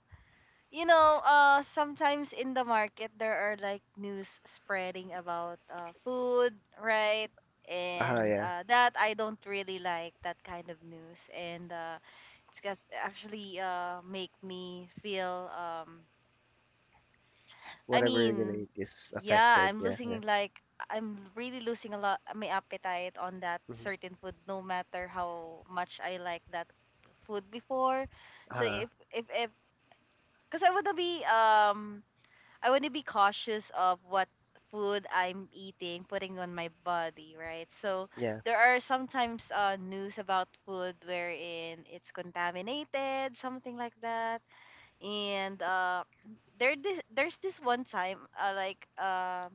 [SPEAKER 3] you know, sometimes in the market there are like news spreading about food, right? And
[SPEAKER 1] Yeah.
[SPEAKER 3] that, I don't really like that kind of news, and it's just actually make me feel I
[SPEAKER 1] whatever you're gonna eat
[SPEAKER 3] mean,
[SPEAKER 1] is
[SPEAKER 3] yeah,
[SPEAKER 1] affected.
[SPEAKER 3] I'm
[SPEAKER 1] Yeah, yeah.
[SPEAKER 3] losing like I'm really losing a lot my appetite on that
[SPEAKER 1] Hmm.
[SPEAKER 3] certain food no matter how much I like that food before. So
[SPEAKER 1] Uh,
[SPEAKER 3] if, because I wanna be cautious of what food I'm eating, putting on my body, right? So
[SPEAKER 1] yeah.
[SPEAKER 3] there are sometimes news about food wherein it's contaminated, something like that. And there's this one time,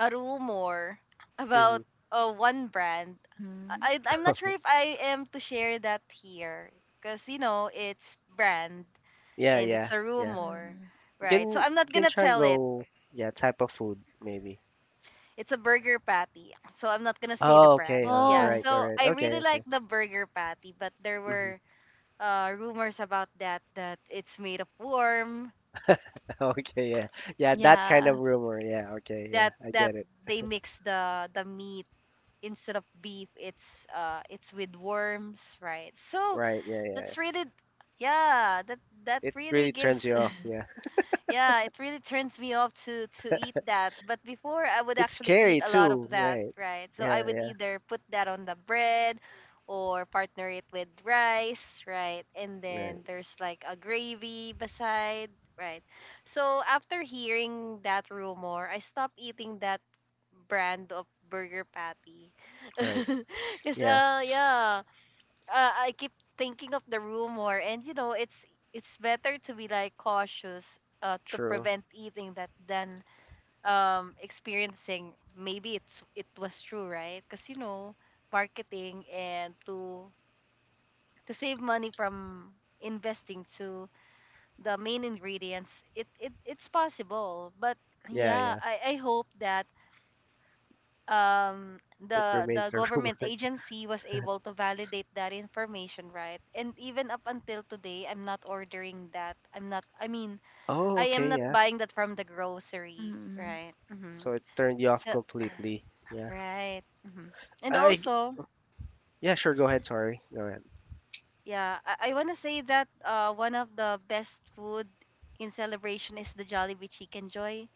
[SPEAKER 3] a rumor about
[SPEAKER 1] Hmm.
[SPEAKER 3] one brand.
[SPEAKER 2] Mhm. Mhm.
[SPEAKER 3] I I'm not sure if I am to share that here because you know it's brand,
[SPEAKER 1] Yeah,
[SPEAKER 3] and
[SPEAKER 1] yeah,
[SPEAKER 3] it's a
[SPEAKER 1] yeah.
[SPEAKER 3] rumor,
[SPEAKER 1] You can
[SPEAKER 3] right? So I'm
[SPEAKER 1] you
[SPEAKER 3] not
[SPEAKER 1] can
[SPEAKER 3] gonna
[SPEAKER 1] try
[SPEAKER 3] tell it.
[SPEAKER 1] go yeah type of food maybe.
[SPEAKER 3] It's a burger patty, so I'm not gonna say the
[SPEAKER 1] Oh, okay.
[SPEAKER 3] brand.
[SPEAKER 1] All
[SPEAKER 3] Yeah,
[SPEAKER 1] right,
[SPEAKER 2] Oh,
[SPEAKER 1] all
[SPEAKER 3] so
[SPEAKER 1] right.
[SPEAKER 3] I really
[SPEAKER 1] Okay,
[SPEAKER 3] like
[SPEAKER 1] okay.
[SPEAKER 3] the burger patty, but there
[SPEAKER 1] Hmm.
[SPEAKER 3] were rumors about that, that it's made of worm,
[SPEAKER 1] Okay, yeah, yeah. That kind of
[SPEAKER 2] yeah.
[SPEAKER 1] rumor. Yeah. Okay. Yeah, I
[SPEAKER 3] that
[SPEAKER 1] get it.
[SPEAKER 3] they mix the meat, instead of beef, it's with worms, right? So
[SPEAKER 1] Right. Yeah, yeah. Yeah.
[SPEAKER 3] that's really, yeah, that
[SPEAKER 1] It
[SPEAKER 3] really
[SPEAKER 1] really turns
[SPEAKER 3] gives,
[SPEAKER 1] you off. Yeah.
[SPEAKER 3] yeah, it really turns me off to eat that. But before I would
[SPEAKER 1] It's
[SPEAKER 3] actually eat
[SPEAKER 1] scary
[SPEAKER 3] a lot of
[SPEAKER 1] too.
[SPEAKER 3] that,
[SPEAKER 1] Right.
[SPEAKER 3] right? So I
[SPEAKER 1] Yeah,
[SPEAKER 3] would
[SPEAKER 1] yeah.
[SPEAKER 3] either put that on the bread or partner it with rice, right? And
[SPEAKER 1] Right.
[SPEAKER 3] then there's like a gravy beside, right? So after hearing that rumor, I stopped eating that brand of burger patty.
[SPEAKER 1] Right.
[SPEAKER 3] Cause
[SPEAKER 1] Yeah.
[SPEAKER 3] yeah, I keep thinking of the rumor, and you know, it's better to be like cautious, to
[SPEAKER 1] True.
[SPEAKER 3] prevent eating that than experiencing. Maybe it was true, right? Because you know, marketing and to save money from investing to the main ingredients, it's possible. But
[SPEAKER 1] Yeah,
[SPEAKER 3] yeah,
[SPEAKER 1] yeah.
[SPEAKER 3] I hope that um
[SPEAKER 1] It
[SPEAKER 3] the
[SPEAKER 1] remains a
[SPEAKER 3] government
[SPEAKER 1] rumor.
[SPEAKER 3] agency was able to validate that information, right? And even up until today, I'm not ordering that i'm not i mean
[SPEAKER 1] Oh,
[SPEAKER 3] i am
[SPEAKER 1] okay.
[SPEAKER 3] not
[SPEAKER 1] Yeah.
[SPEAKER 3] buying that from the grocery,
[SPEAKER 2] Mhm.
[SPEAKER 3] right? Hmm.
[SPEAKER 1] So it turned you off
[SPEAKER 3] So
[SPEAKER 1] completely. Yeah.
[SPEAKER 3] right. Hmm. And
[SPEAKER 1] I g-
[SPEAKER 3] also,
[SPEAKER 1] yeah, sure. Go ahead. Sorry. Go ahead.
[SPEAKER 3] yeah, I want to say that one of the best food in celebration is the Jollibee Chicken Joy,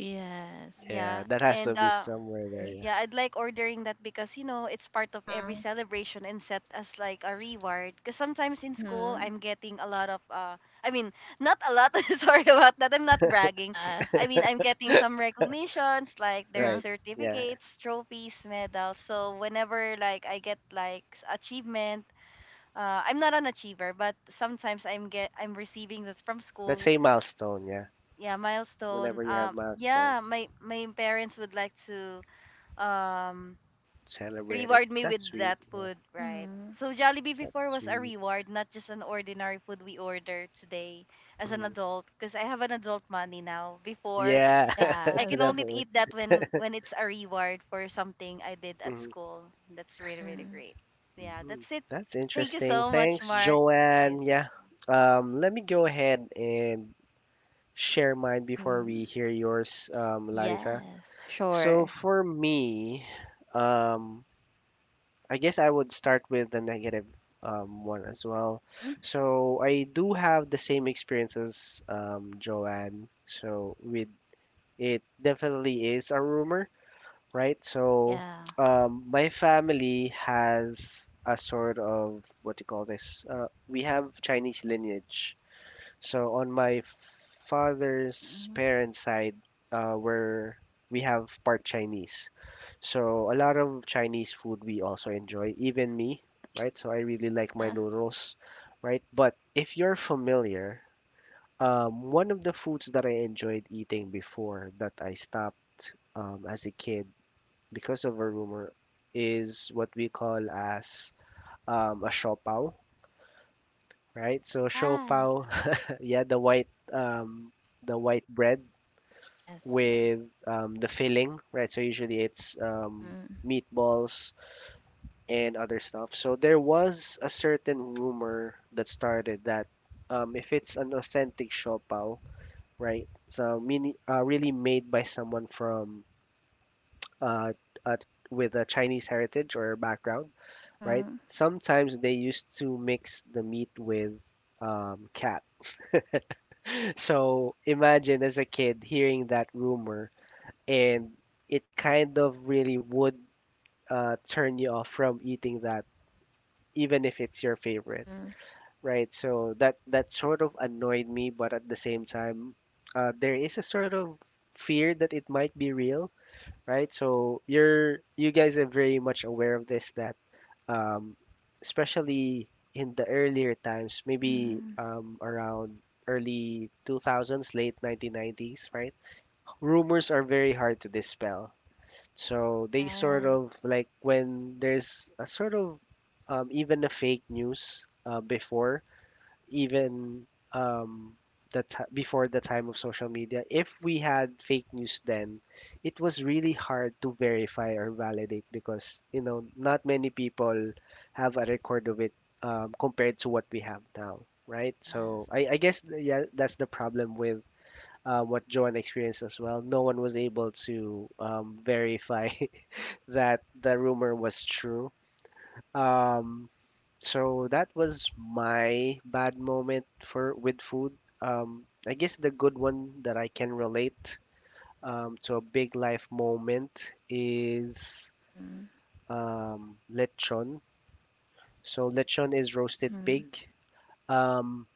[SPEAKER 2] Yes.
[SPEAKER 1] Yeah,
[SPEAKER 3] yeah.
[SPEAKER 1] that has to
[SPEAKER 3] And
[SPEAKER 1] be somewhere there.
[SPEAKER 2] Scary.
[SPEAKER 1] Yeah.
[SPEAKER 3] yeah, I'd like ordering that because you know it's part of
[SPEAKER 2] Uh-huh.
[SPEAKER 3] every celebration and set as like a reward. Because sometimes in school
[SPEAKER 2] Mhm.
[SPEAKER 3] I'm getting a lot of I mean not a lot. Sorry about that. I'm not bragging.
[SPEAKER 2] Yeah.
[SPEAKER 3] I mean, I'm getting some recognitions, like there's
[SPEAKER 1] Right.
[SPEAKER 2] Uh-huh.
[SPEAKER 1] Yeah.
[SPEAKER 3] certificates, trophies, medals. So whenever like I get like achievement, I'm not an achiever, but sometimes I'm receiving that from
[SPEAKER 1] Let's
[SPEAKER 3] school.
[SPEAKER 1] say milestone. Yeah.
[SPEAKER 3] Yeah, milestone.
[SPEAKER 1] Whenever you have milestone,
[SPEAKER 3] Yeah, my parents would like to um
[SPEAKER 1] celebrate it.
[SPEAKER 3] reward me
[SPEAKER 1] That's
[SPEAKER 3] with
[SPEAKER 1] sweet.
[SPEAKER 3] that
[SPEAKER 1] Yeah.
[SPEAKER 3] food, right?
[SPEAKER 2] Mhm.
[SPEAKER 3] So Jollibee
[SPEAKER 1] That's
[SPEAKER 3] before was a
[SPEAKER 1] sweet.
[SPEAKER 3] reward, not just an ordinary food we order today as an
[SPEAKER 1] Mhm.
[SPEAKER 3] adult. Because I have an adult money now. Before,
[SPEAKER 1] Yeah.
[SPEAKER 3] it's I can
[SPEAKER 2] Yes.
[SPEAKER 3] only
[SPEAKER 1] Definitely.
[SPEAKER 3] eat that when it's a reward for something I did at
[SPEAKER 1] Mhm.
[SPEAKER 3] school. That's really
[SPEAKER 2] Mhm.
[SPEAKER 3] great. Yeah,
[SPEAKER 1] Mhm.
[SPEAKER 3] that's it.
[SPEAKER 1] That's
[SPEAKER 3] Thank you
[SPEAKER 1] interesting.
[SPEAKER 3] so much,
[SPEAKER 1] Thanks,
[SPEAKER 3] Mark.
[SPEAKER 1] Joanne.
[SPEAKER 3] Liza.
[SPEAKER 1] Yeah. Let me go ahead and share mine before we
[SPEAKER 2] Mhm.
[SPEAKER 1] hear yours, Liza.
[SPEAKER 2] Yes,
[SPEAKER 1] So
[SPEAKER 2] sure.
[SPEAKER 1] for me, um, I guess I would start with the negative one as well.
[SPEAKER 2] Mhm.
[SPEAKER 1] So I do have the same experience as Joanne. So with it definitely is a rumor, right? So
[SPEAKER 2] Yeah.
[SPEAKER 1] my family has a sort of what do you call this? We have Chinese lineage. So on my father's
[SPEAKER 2] Mhm.
[SPEAKER 1] parents' side, where we have part Chinese. So a lot of Chinese food we also enjoy, even me, right? So I really like my
[SPEAKER 2] Uh-huh.
[SPEAKER 1] noodles, right? But if you're familiar, one of the foods that I enjoyed eating before that I stopped as a kid because of a rumor is what we call as a shopao, right? So
[SPEAKER 2] Yes.
[SPEAKER 1] shopao, yeah, the white bread
[SPEAKER 2] Yes, yes.
[SPEAKER 1] with the filling, right? So usually it's
[SPEAKER 2] Mhm.
[SPEAKER 1] meatballs and other stuff. So there was a certain rumor that started that if it's an authentic shopao, right? So meaning really made by someone from uh, at, with a Chinese heritage or background, right?
[SPEAKER 2] Mhm.
[SPEAKER 1] Sometimes they used to mix the meat with cat. So imagine as a kid hearing that rumor, and it kind of really would turn you off from eating that, even if it's your favorite,
[SPEAKER 2] Mhm.
[SPEAKER 1] right? So that sort of annoyed me, but at the same time, there is a sort of fear that it might be real, right? So you guys are very much aware of this that um, especially in the earlier times, maybe
[SPEAKER 2] Mhm.
[SPEAKER 1] around early 2000s, late 1990s, right? Rumors are very hard to dispel. So they sort
[SPEAKER 2] Yes,
[SPEAKER 1] of like when there's a sort of even a fake news before even um, the ti before the time of social media, if we had fake news then, it was really hard to verify or validate because not many people have a record of it compared to what we have now, right? So
[SPEAKER 2] yes.
[SPEAKER 1] I guess yeah, that's the problem with what Joan experienced as well. No one was able to verify that the rumor was true um, so that was my bad moment for with food. I guess the good one that I can relate to a big life moment is
[SPEAKER 2] Mhm.
[SPEAKER 1] lechon. So lechon is roasted
[SPEAKER 2] Mhm.
[SPEAKER 1] pig. Um,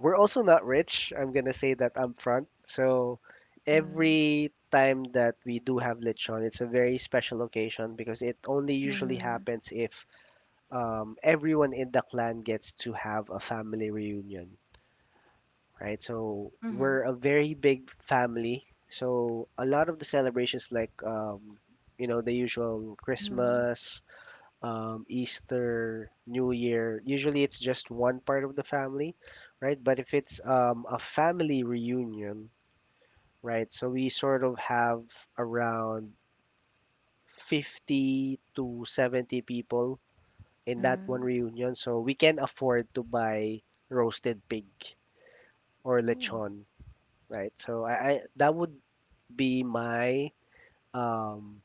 [SPEAKER 1] we're also not rich. I'm gonna say that up front. So
[SPEAKER 2] Mhm.
[SPEAKER 1] every time that we do have lechon, it's a very special occasion because it only usually
[SPEAKER 2] Mhm.
[SPEAKER 1] happens if everyone in the clan gets to have a family reunion, right? So
[SPEAKER 3] Mm-hmm.
[SPEAKER 1] we're a very big family. So a lot of the celebrations, like the usual
[SPEAKER 2] Mhm.
[SPEAKER 1] Christmas, Easter, New Year. Usually, it's just one part of the family, right? But if it's a family reunion, right? So we sort of have around 50 to 70 people in that one
[SPEAKER 2] Mhm.
[SPEAKER 1] reunion. So we can afford to buy roasted pig or
[SPEAKER 2] Oh.
[SPEAKER 1] lechon, right? So I that would be my um,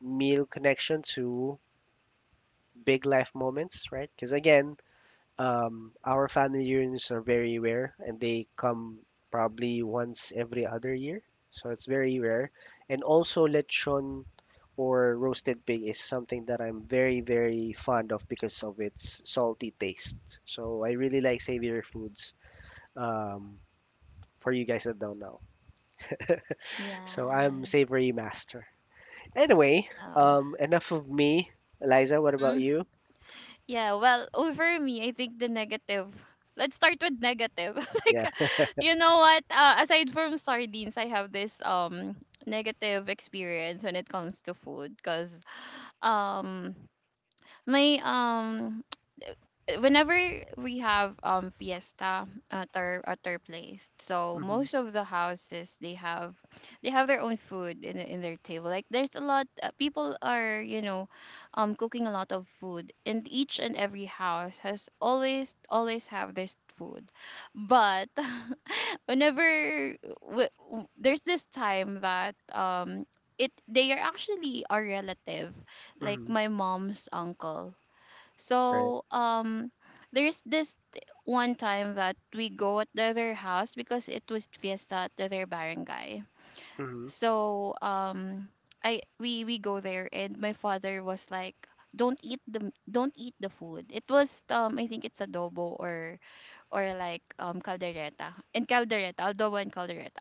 [SPEAKER 1] meal connection to big life moments, right? Because again, our family reunions are very rare, and they come probably once every other year, so it's very rare. And also, lechon or roasted pig is something that I'm very, very fond of because of its salty taste. So I really like savory foods. Um, for you guys that don't know, so I'm
[SPEAKER 2] Yes.
[SPEAKER 1] savory master. Anyway,
[SPEAKER 2] Wow.
[SPEAKER 1] enough of me. Eliza, what about
[SPEAKER 2] Mhm.
[SPEAKER 1] you?
[SPEAKER 2] Yeah, well, over me, I think the negative. Let's start with negative. Like
[SPEAKER 1] Yeah.
[SPEAKER 2] you know what? Aside from sardines, I have this negative experience when it comes to food cuz um my whenever we have fiesta at our place, so
[SPEAKER 1] Hmm.
[SPEAKER 2] most of the houses they have their own food in their table, like there's a lot, people are cooking a lot of food, and each and every house has always have this food, but whenever there's this time that it they are actually our relative, like
[SPEAKER 1] Hmm.
[SPEAKER 2] my mom's uncle,
[SPEAKER 1] Right.
[SPEAKER 2] so there's this one time that we go at the other house because it was fiesta at the other barangay.
[SPEAKER 1] Hmm.
[SPEAKER 2] So I we go there and my father was like, "Don't eat the food." It was I think it's adobo or like caldereta, and caldereta, adobo and caldereta.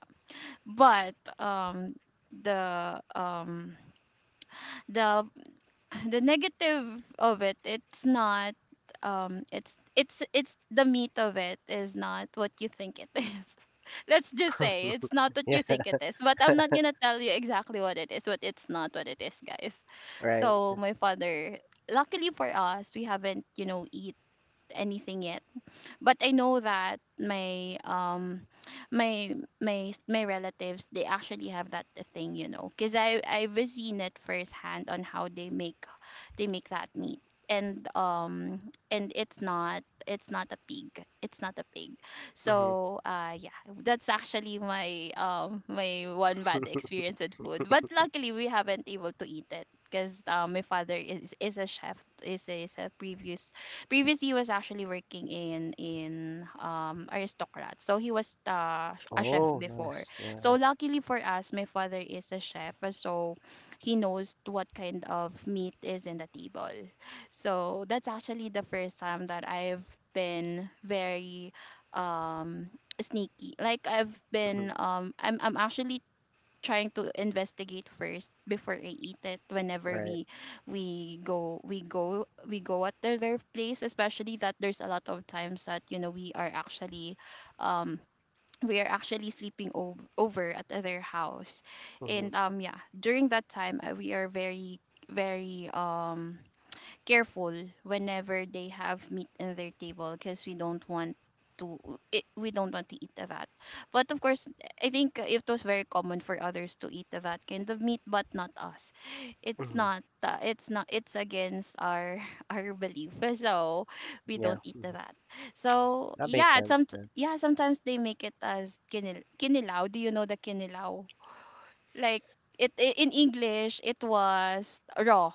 [SPEAKER 2] But the um the the negative of it's not, it's the meat of it is not what you think it is. Let's just say it's not what
[SPEAKER 1] Yeah.
[SPEAKER 2] you think it is, but I'm not gonna tell you exactly what it is, but it's not what it is, guys.
[SPEAKER 1] Right.
[SPEAKER 2] So my father, luckily for us, we haven't eat anything yet. But I know that my my relatives, they actually have that thing, because I've seen it firsthand on how they make that meat. And um and it's not a pig, it's not a pig.
[SPEAKER 1] Hmm.
[SPEAKER 2] So yeah, that's actually my one bad experience with food, but luckily we haven't able to eat it because my father is a chef. Is a previous Previously, he was actually working in Aristocrat, so he was a chef
[SPEAKER 1] Oh,
[SPEAKER 2] before.
[SPEAKER 1] nice.
[SPEAKER 2] So
[SPEAKER 1] Yeah,
[SPEAKER 2] luckily for us, my father is a chef, so he knows what kind of meat is in the table. So that's actually the first time that I've been very, um sneaky. Like
[SPEAKER 1] yeah. Mhm.
[SPEAKER 2] I'm actually trying to investigate first before I eat it whenever
[SPEAKER 1] Right.
[SPEAKER 2] we go at their place, especially that there's a lot of times that um we are actually sleeping over at their house.
[SPEAKER 1] Mhm.
[SPEAKER 2] And yeah, during that time, we are very, very, careful whenever they have meat in their table, because to we don't want to eat that. But of course, I think it was very common for others to eat that kind of meat, but not us.
[SPEAKER 1] Mhm.
[SPEAKER 2] It's not it's against our our belief, so we
[SPEAKER 1] Yeah.
[SPEAKER 2] don't eat
[SPEAKER 1] Mhm.
[SPEAKER 2] that. So
[SPEAKER 1] That makes sense then.
[SPEAKER 2] yeah, sometimes they make it as kinilaw. Do you know the kinilaw? Like in English it was raw.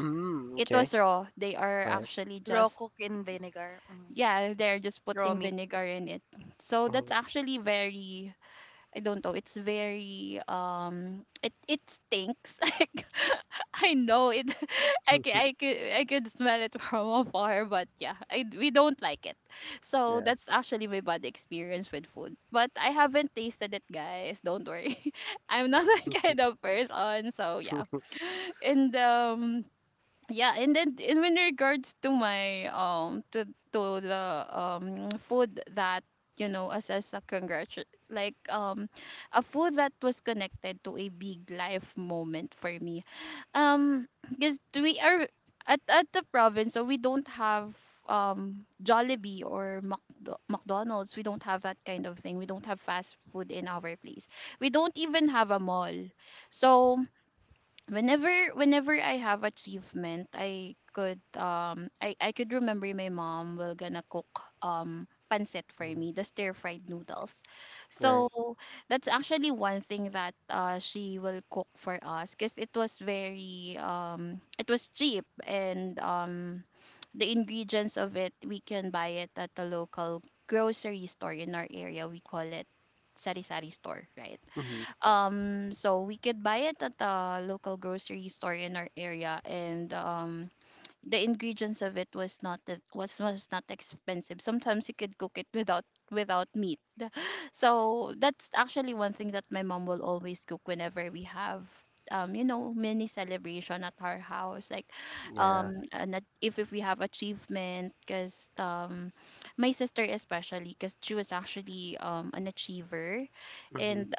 [SPEAKER 1] Mm,
[SPEAKER 2] It
[SPEAKER 1] okay.
[SPEAKER 2] was raw. They are
[SPEAKER 1] Right.
[SPEAKER 2] actually
[SPEAKER 3] Raw
[SPEAKER 2] just,
[SPEAKER 3] cook in vinegar. Hmm
[SPEAKER 2] yeah, they're just
[SPEAKER 3] Raw
[SPEAKER 2] putting
[SPEAKER 3] meat.
[SPEAKER 2] vinegar in it. So that's
[SPEAKER 1] Mhm.
[SPEAKER 2] actually very, I don't know, it's very, it stinks. Like I know it. I could smell it from afar, but yeah, we don't like it. So
[SPEAKER 1] Yeah.
[SPEAKER 2] that's actually my bad experience with food. But I haven't tasted it, guys. Don't worry. I'm not that kind of person, so yeah.
[SPEAKER 1] Mhm.
[SPEAKER 2] And yeah, and then in regards to the food that as a a food that was connected to a big life moment for me. um because we are at the province, so we don't have Jollibee or McDonald's. We don't have that kind of thing. We don't have fast food in our place. We don't even have a mall. So whenever whenever I have achievement, I could, I could remember my mom will gonna cook pancit for me, the stir fried noodles.
[SPEAKER 1] Right.
[SPEAKER 2] So that's actually one thing that she will cook for us because it was very, it was cheap, and the ingredients of it, we can buy it at the local grocery store in our area. We call it sari sari store, right?
[SPEAKER 1] Mhm.
[SPEAKER 2] So we could buy it at a local grocery store in our area, and the ingredients of it was not expensive. Sometimes you could cook it without meat. So that's actually one thing that my mom will always cook whenever we have, mini celebration at our house, like,
[SPEAKER 1] Yeah.
[SPEAKER 2] if we have achievement, because my sister especially, because she was actually, an achiever.
[SPEAKER 1] Mhm.
[SPEAKER 2] And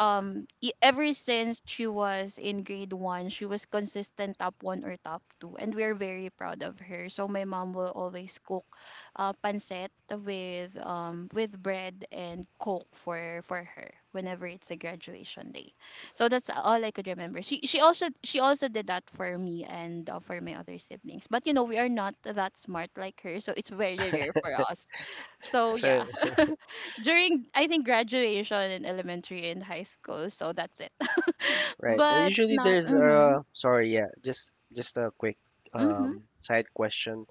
[SPEAKER 2] ever since she was in grade one, she was consistent top one or top two, and we're very proud of her. So my mom will always cook, pancit with, with bread and coke for her whenever it's a graduation day. So that's all I could remember. She also did that for me and, for my other siblings. But you know we are not that smart like her, so it's very rare for us. So
[SPEAKER 1] So,
[SPEAKER 2] yeah, during, I think, graduation in elementary and high school. So that's it.
[SPEAKER 1] right. And
[SPEAKER 2] But
[SPEAKER 1] usually
[SPEAKER 2] not.
[SPEAKER 1] there's
[SPEAKER 2] Mm-hmm.
[SPEAKER 1] sorry, yeah, just a quick
[SPEAKER 2] Mm-hmm.
[SPEAKER 1] side question.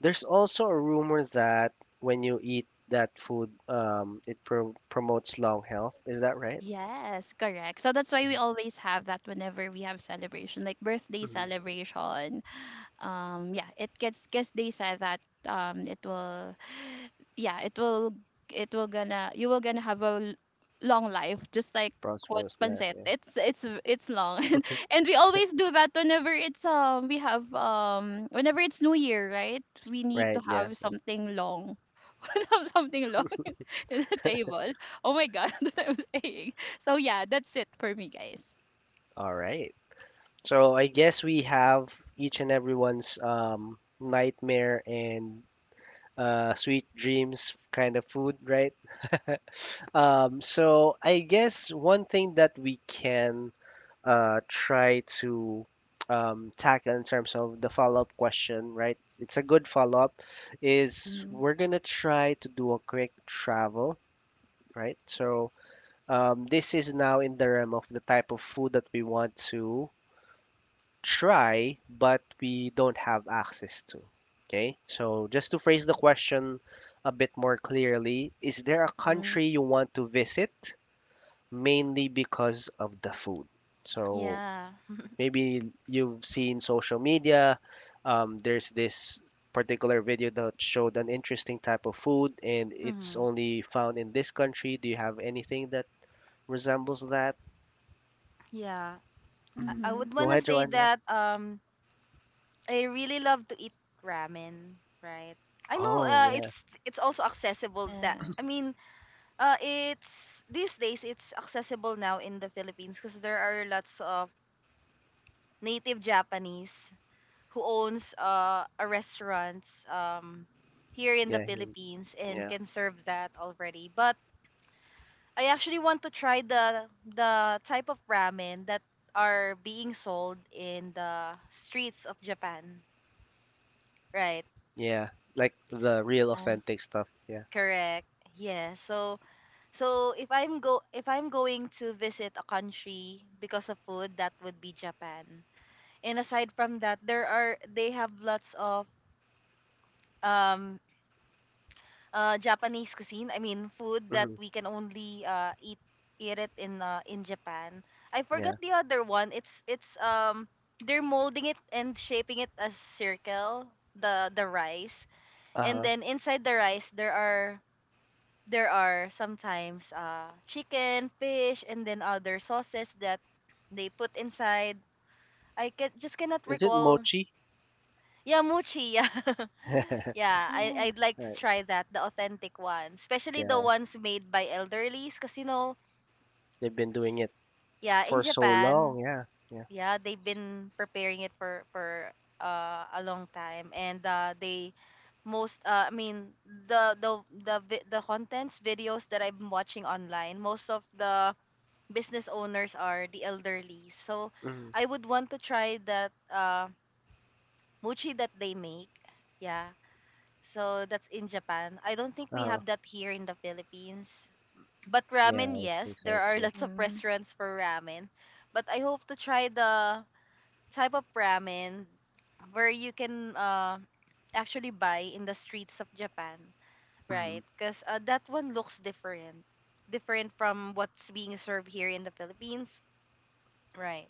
[SPEAKER 1] There's also a rumor that when you eat that food, it promotes long health. Is that right?
[SPEAKER 2] Yes, correct. So that's why we always have that whenever we have celebration, like birthday
[SPEAKER 1] Mhm.
[SPEAKER 2] celebration. Yeah, it gets because they said that, it will, yeah, it will gonna you will gonna have a long life, just like what
[SPEAKER 1] Prosperous life,
[SPEAKER 2] pancet.
[SPEAKER 1] yeah.
[SPEAKER 2] It's long. And we always do that whenever it's we have whenever it's New Year, right? We need to
[SPEAKER 1] Right, yeah.
[SPEAKER 2] have something long have something long in the table. Oh my god, that I was saying. So yeah, that's it for me, guys.
[SPEAKER 1] All right. So I guess we have each and everyone's nightmare and sweet dreams kind of food, right? So I guess one thing that we can try to tackle in terms of the follow-up question, right? It's a good follow-up, is
[SPEAKER 2] Mm-hmm.
[SPEAKER 1] we're gonna try to do a quick travel, right? So this is now in the realm of the type of food that we want to try, but we don't have access to. Okay? So, just to phrase the question a bit more clearly, is there a
[SPEAKER 2] Mm-hmm.
[SPEAKER 1] country you want to visit mainly because of the food? So,
[SPEAKER 3] Yeah.
[SPEAKER 1] maybe you've seen social media, there's this particular video that showed an interesting type of food and it's
[SPEAKER 3] hmm
[SPEAKER 1] only found in this country. Do you have anything that resembles that?
[SPEAKER 3] Yeah. I
[SPEAKER 2] Mm-hmm.
[SPEAKER 3] would want
[SPEAKER 1] Go
[SPEAKER 3] to
[SPEAKER 1] ahead,
[SPEAKER 3] say
[SPEAKER 1] Joanne. Yeah.
[SPEAKER 3] that I really love to eat ramen, right? I know
[SPEAKER 1] Oh, yeah.
[SPEAKER 3] it's also accessible that
[SPEAKER 2] Yeah.
[SPEAKER 3] I mean it's these days it's accessible now in the Philippines because there are lots of native Japanese who owns a restaurants here in the
[SPEAKER 1] Yeah.
[SPEAKER 3] Philippines and
[SPEAKER 1] Yeah.
[SPEAKER 3] can serve that already. But I actually want to try the type of ramen that are being sold in the streets of Japan, right?
[SPEAKER 1] Yeah, like the real
[SPEAKER 2] Yes.
[SPEAKER 1] authentic stuff. Yeah.
[SPEAKER 3] Correct. Yeah. So if I'm going to visit a country because of food, that would be Japan. And aside from that, there are they have lots of um Japanese cuisine. I mean, food that
[SPEAKER 1] Hmm.
[SPEAKER 3] we can only eat it in Japan. I
[SPEAKER 1] Yeah.
[SPEAKER 3] forgot the other one. It's They're molding it and shaping it as circle, the rice. And
[SPEAKER 1] Uh,
[SPEAKER 3] then inside the rice there are sometimes chicken, fish, and then other sauces that they put inside. I can just cannot
[SPEAKER 1] is it
[SPEAKER 3] recall.
[SPEAKER 1] mochi?
[SPEAKER 3] Yeah, mochi. Yeah, yeah.
[SPEAKER 2] Yes.
[SPEAKER 3] I'd like to
[SPEAKER 1] Right.
[SPEAKER 3] try that, the authentic one, especially the
[SPEAKER 1] Yeah,
[SPEAKER 3] ones made by elderlies, cause you know,
[SPEAKER 1] they've been doing it
[SPEAKER 3] yeah, in
[SPEAKER 1] for so
[SPEAKER 3] Japan,
[SPEAKER 1] long. Yeah. Yeah.
[SPEAKER 3] yeah, they've been preparing it for a long time, and they most I mean the contents videos that I've been watching online, most of the business owners are the elderly. So
[SPEAKER 1] Hmm.
[SPEAKER 3] I would want to try that mochi that they make. Yeah. So that's in Japan. I don't think we
[SPEAKER 1] Uh,
[SPEAKER 3] have that here in the Philippines. But
[SPEAKER 1] yeah,
[SPEAKER 3] ramen,
[SPEAKER 1] I
[SPEAKER 3] yes,
[SPEAKER 1] think
[SPEAKER 3] there
[SPEAKER 1] so
[SPEAKER 3] are
[SPEAKER 1] too.
[SPEAKER 3] lots of
[SPEAKER 2] Mm-hmm.
[SPEAKER 3] restaurants for ramen. But I hope to try the type of ramen where you can actually buy in the streets of Japan,
[SPEAKER 1] Hmm.
[SPEAKER 3] right? Because that one looks different, different from what's being served here in the Philippines. Right.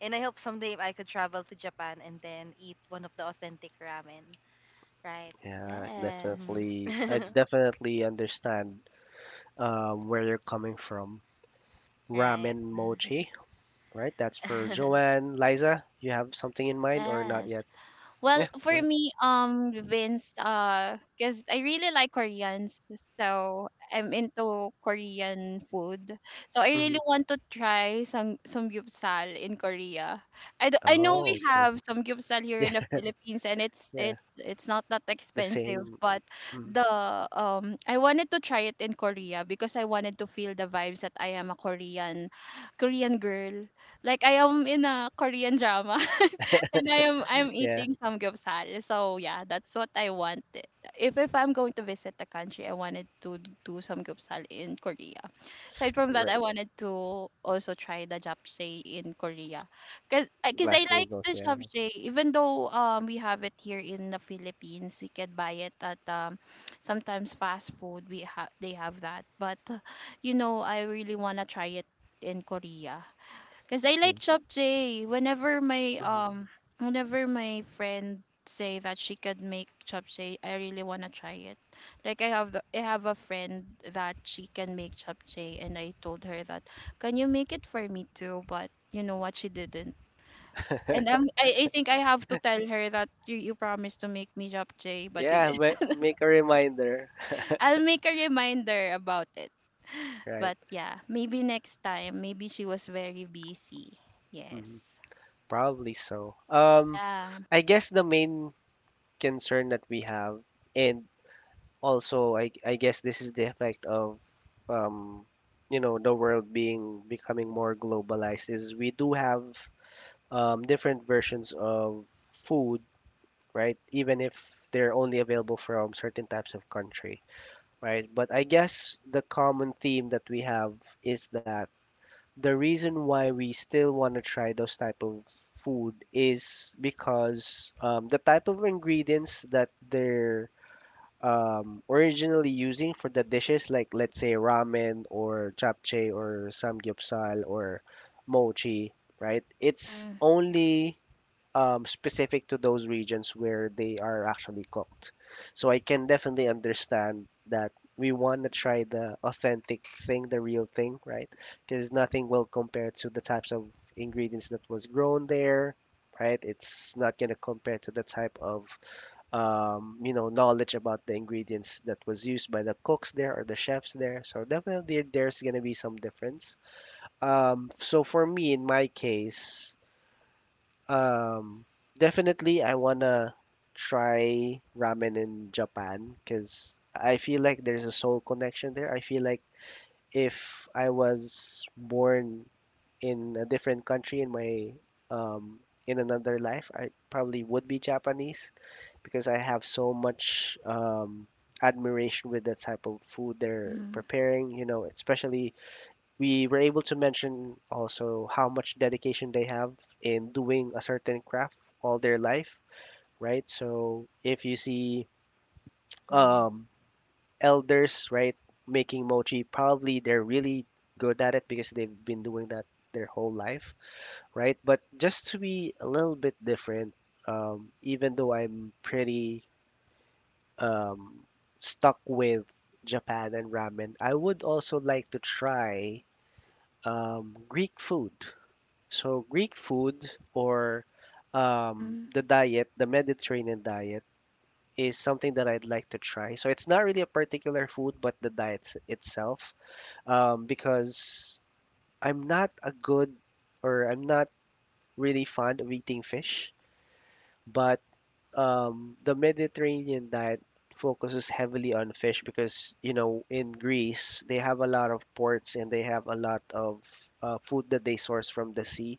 [SPEAKER 3] And I hope someday I could travel to Japan and then eat one of the authentic ramen. Right.
[SPEAKER 1] Yeah,
[SPEAKER 3] Mhm.
[SPEAKER 2] Yes.
[SPEAKER 1] definitely. I definitely understand where you're coming from.
[SPEAKER 3] Right.
[SPEAKER 1] Ramen mochi, right? That's for Joanne. Liza, you have something in mind or not
[SPEAKER 2] Yes.
[SPEAKER 1] yet?
[SPEAKER 2] Well,
[SPEAKER 1] Yeah,
[SPEAKER 2] for
[SPEAKER 1] go ahead.
[SPEAKER 2] me, Vince, because I really like Koreans, so I'm into Korean food. So I really
[SPEAKER 1] Hmm.
[SPEAKER 2] want to try some samgyeopsal in Korea. I know we
[SPEAKER 1] Oh, okay.
[SPEAKER 2] have samgyeopsal here
[SPEAKER 1] Yeah,
[SPEAKER 2] in the Philippines, and it's
[SPEAKER 1] yeah,
[SPEAKER 2] it's it's not that
[SPEAKER 1] the
[SPEAKER 2] expensive,
[SPEAKER 1] same.
[SPEAKER 2] but
[SPEAKER 1] Mm.
[SPEAKER 2] the I wanted to try it in Korea because I wanted to feel the vibes that I am a Korean, Korean girl. Like I am in a Korean drama. And I'm
[SPEAKER 1] Yeah,
[SPEAKER 2] eating samgyeopsal. So yeah, that's what I wanted. If I'm going to visit the country, I wanted to do samgyeopsal in Korea. Aside from that,
[SPEAKER 1] right.
[SPEAKER 2] I wanted to also try the japchae in Korea, cause I
[SPEAKER 1] Last
[SPEAKER 2] like
[SPEAKER 1] Bulldogs,
[SPEAKER 2] the
[SPEAKER 1] yeah.
[SPEAKER 2] japchae. Even though, we have it here in the Philippines, we can buy it at, sometimes fast food. We have they have that, but, you know, I really wanna try it in Korea. Cause I
[SPEAKER 1] Yeah.
[SPEAKER 2] like japchae.
[SPEAKER 1] Mhm.
[SPEAKER 2] Whenever my friend say that she could make japchae, I really wanna try it. Like, I have a friend that she can make japchae, and I told her that, can you make it for me too? But you know what, she didn't. I think I have to tell her that, you promised to make me japchae, but you
[SPEAKER 1] Yeah,
[SPEAKER 2] didn't.
[SPEAKER 1] make a reminder,
[SPEAKER 2] I'll make a reminder about it.
[SPEAKER 1] right?
[SPEAKER 2] But yeah, maybe next time. Maybe she was very busy.
[SPEAKER 1] Mhm.
[SPEAKER 2] Yes.
[SPEAKER 1] Probably so.
[SPEAKER 2] Yeah.
[SPEAKER 1] I guess the main concern that we have, and also I guess this is the effect of um, the world being becoming more globalized is we do have different versions of food, right? Even if they're only available from certain types of country, right? But I guess the common theme that we have is that the reason why we still want to try those type of food is because the type of ingredients that they're originally using for the dishes, like let's say ramen or japchae or samgyeopsal or mochi, right? It's
[SPEAKER 2] Mhm.
[SPEAKER 1] only specific to those regions where they are actually cooked. So I can definitely understand that we want to try the authentic thing, the real thing, right? Because nothing will compare to the types of ingredients that was grown there, right? It's not going to compare to the type of you know knowledge about the ingredients that was used by the cooks there or the chefs there. So definitely there's going to be some difference. So for me, in my case, um, definitely, I wanna try ramen in Japan because I feel like there's a soul connection there. I feel like if I was born in a different country in my um, in another life, I probably would be Japanese because I have so much admiration with the type of food they're
[SPEAKER 2] Mhm.
[SPEAKER 1] preparing. You know, especially we were able to mention also how much dedication they have in doing a certain craft all their life, right? So if you see
[SPEAKER 3] Mhm.
[SPEAKER 1] um, elders, right, making mochi, probably they're really good at it because they've been doing that their whole life, right? But just to be a little bit different, even though I'm pretty um, stuck with Japan and ramen, I would also like to try Greek food. So Greek food or
[SPEAKER 2] Mhm.
[SPEAKER 1] the diet, the Mediterranean diet, is something that I'd like to try. So it's not really a particular food, but the diet itself, because I'm not a good or I'm not really fond of eating fish, but the Mediterranean diet focuses heavily on fish because, you know, in Greece, they have a lot of ports and they have a lot of food that they source from the sea.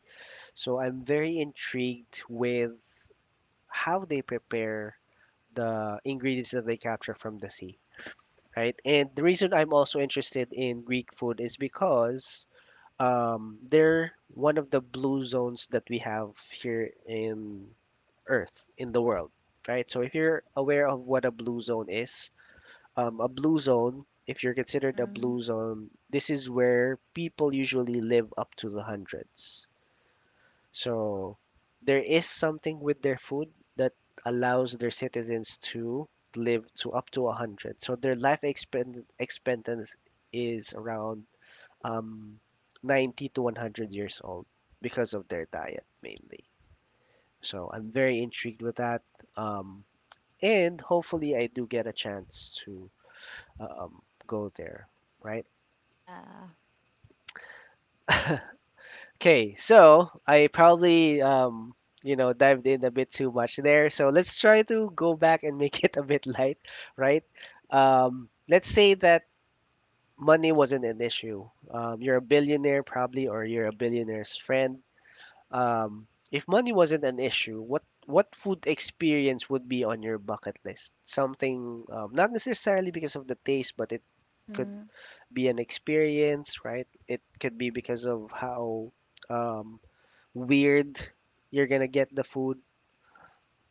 [SPEAKER 1] So I'm very intrigued with how they prepare the ingredients that they capture from the sea, right? And the reason I'm also interested in Greek food is because they're one of the blue zones that we have here in Earth, in the world, right? So if you're aware of what a blue zone is, a blue zone, if you're considered a
[SPEAKER 2] Mm-hmm.
[SPEAKER 1] blue zone, this is where people usually live up to the hundreds, so there is something with their food that allows their citizens to live to up to 100. So their life expectancy is around um, 90 to 100 years old because of their diet mainly. So I'm very intrigued with that. Um, and hopefully I do get a chance to go there, right?
[SPEAKER 2] Yeah.
[SPEAKER 1] Okay, so I probably you know dived in a bit too much there. So let's try to go back and make it a bit light, right? Let's say that money wasn't an issue. You're a billionaire probably, or you're a billionaire's friend. If money wasn't an issue, what food experience would be on your bucket list? Something not necessarily because of the taste, but it could
[SPEAKER 2] Mm-hmm.
[SPEAKER 1] be an experience, right? It could be because of how um, weird you're gonna get the food,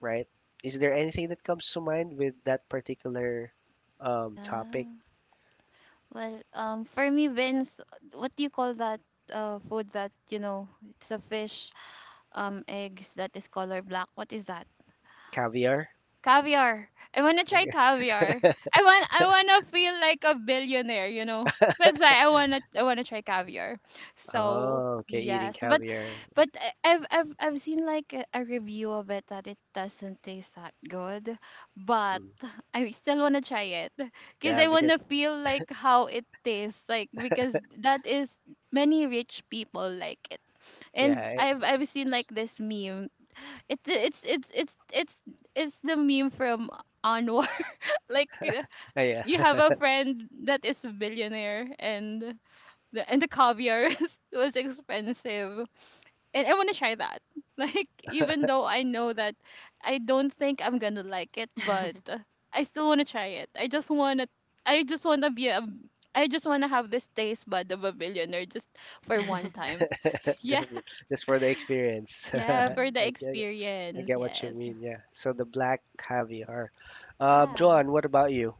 [SPEAKER 1] right? Is there anything that comes to mind with that particular
[SPEAKER 2] Yeah.
[SPEAKER 1] topic?
[SPEAKER 2] Well, for me, Vince, what do you call that food that, it's a fish, eggs that is color black? What is that?
[SPEAKER 1] Caviar?
[SPEAKER 2] Caviar. I wanna try
[SPEAKER 1] Okay.
[SPEAKER 2] caviar. I wanna feel like a billionaire, you know. That's why I wanna try caviar. So
[SPEAKER 1] Oh, okay, eating
[SPEAKER 2] yes, but
[SPEAKER 1] caviar.
[SPEAKER 2] I've seen like a review of it that it doesn't taste that good, but
[SPEAKER 1] Mm.
[SPEAKER 2] I still wanna try it, because
[SPEAKER 1] Yeah,
[SPEAKER 2] I
[SPEAKER 1] because
[SPEAKER 2] wanna feel like how it tastes like, because that is, many rich people like it,
[SPEAKER 1] yeah,
[SPEAKER 2] and
[SPEAKER 1] it,
[SPEAKER 2] I've seen like this meme. It's it's it's it's it's it's the meme from Anwar. Like,
[SPEAKER 1] yeah,
[SPEAKER 2] you have a friend that is a billionaire, and the caviar was expensive. And I want to try that. Like, even though I know that I don't think I'm going to like it, but, I still want to try it. I just want to be a I just want to have this taste bud of a billionaire just for one time. Yeah.
[SPEAKER 1] just just for the experience.
[SPEAKER 2] Yeah, for
[SPEAKER 3] Mm.
[SPEAKER 2] the
[SPEAKER 1] I get it. I
[SPEAKER 2] experience.
[SPEAKER 1] get what you
[SPEAKER 2] Yes.
[SPEAKER 1] mean. Yeah. So the black caviar.
[SPEAKER 2] Yeah.
[SPEAKER 1] John, what about you?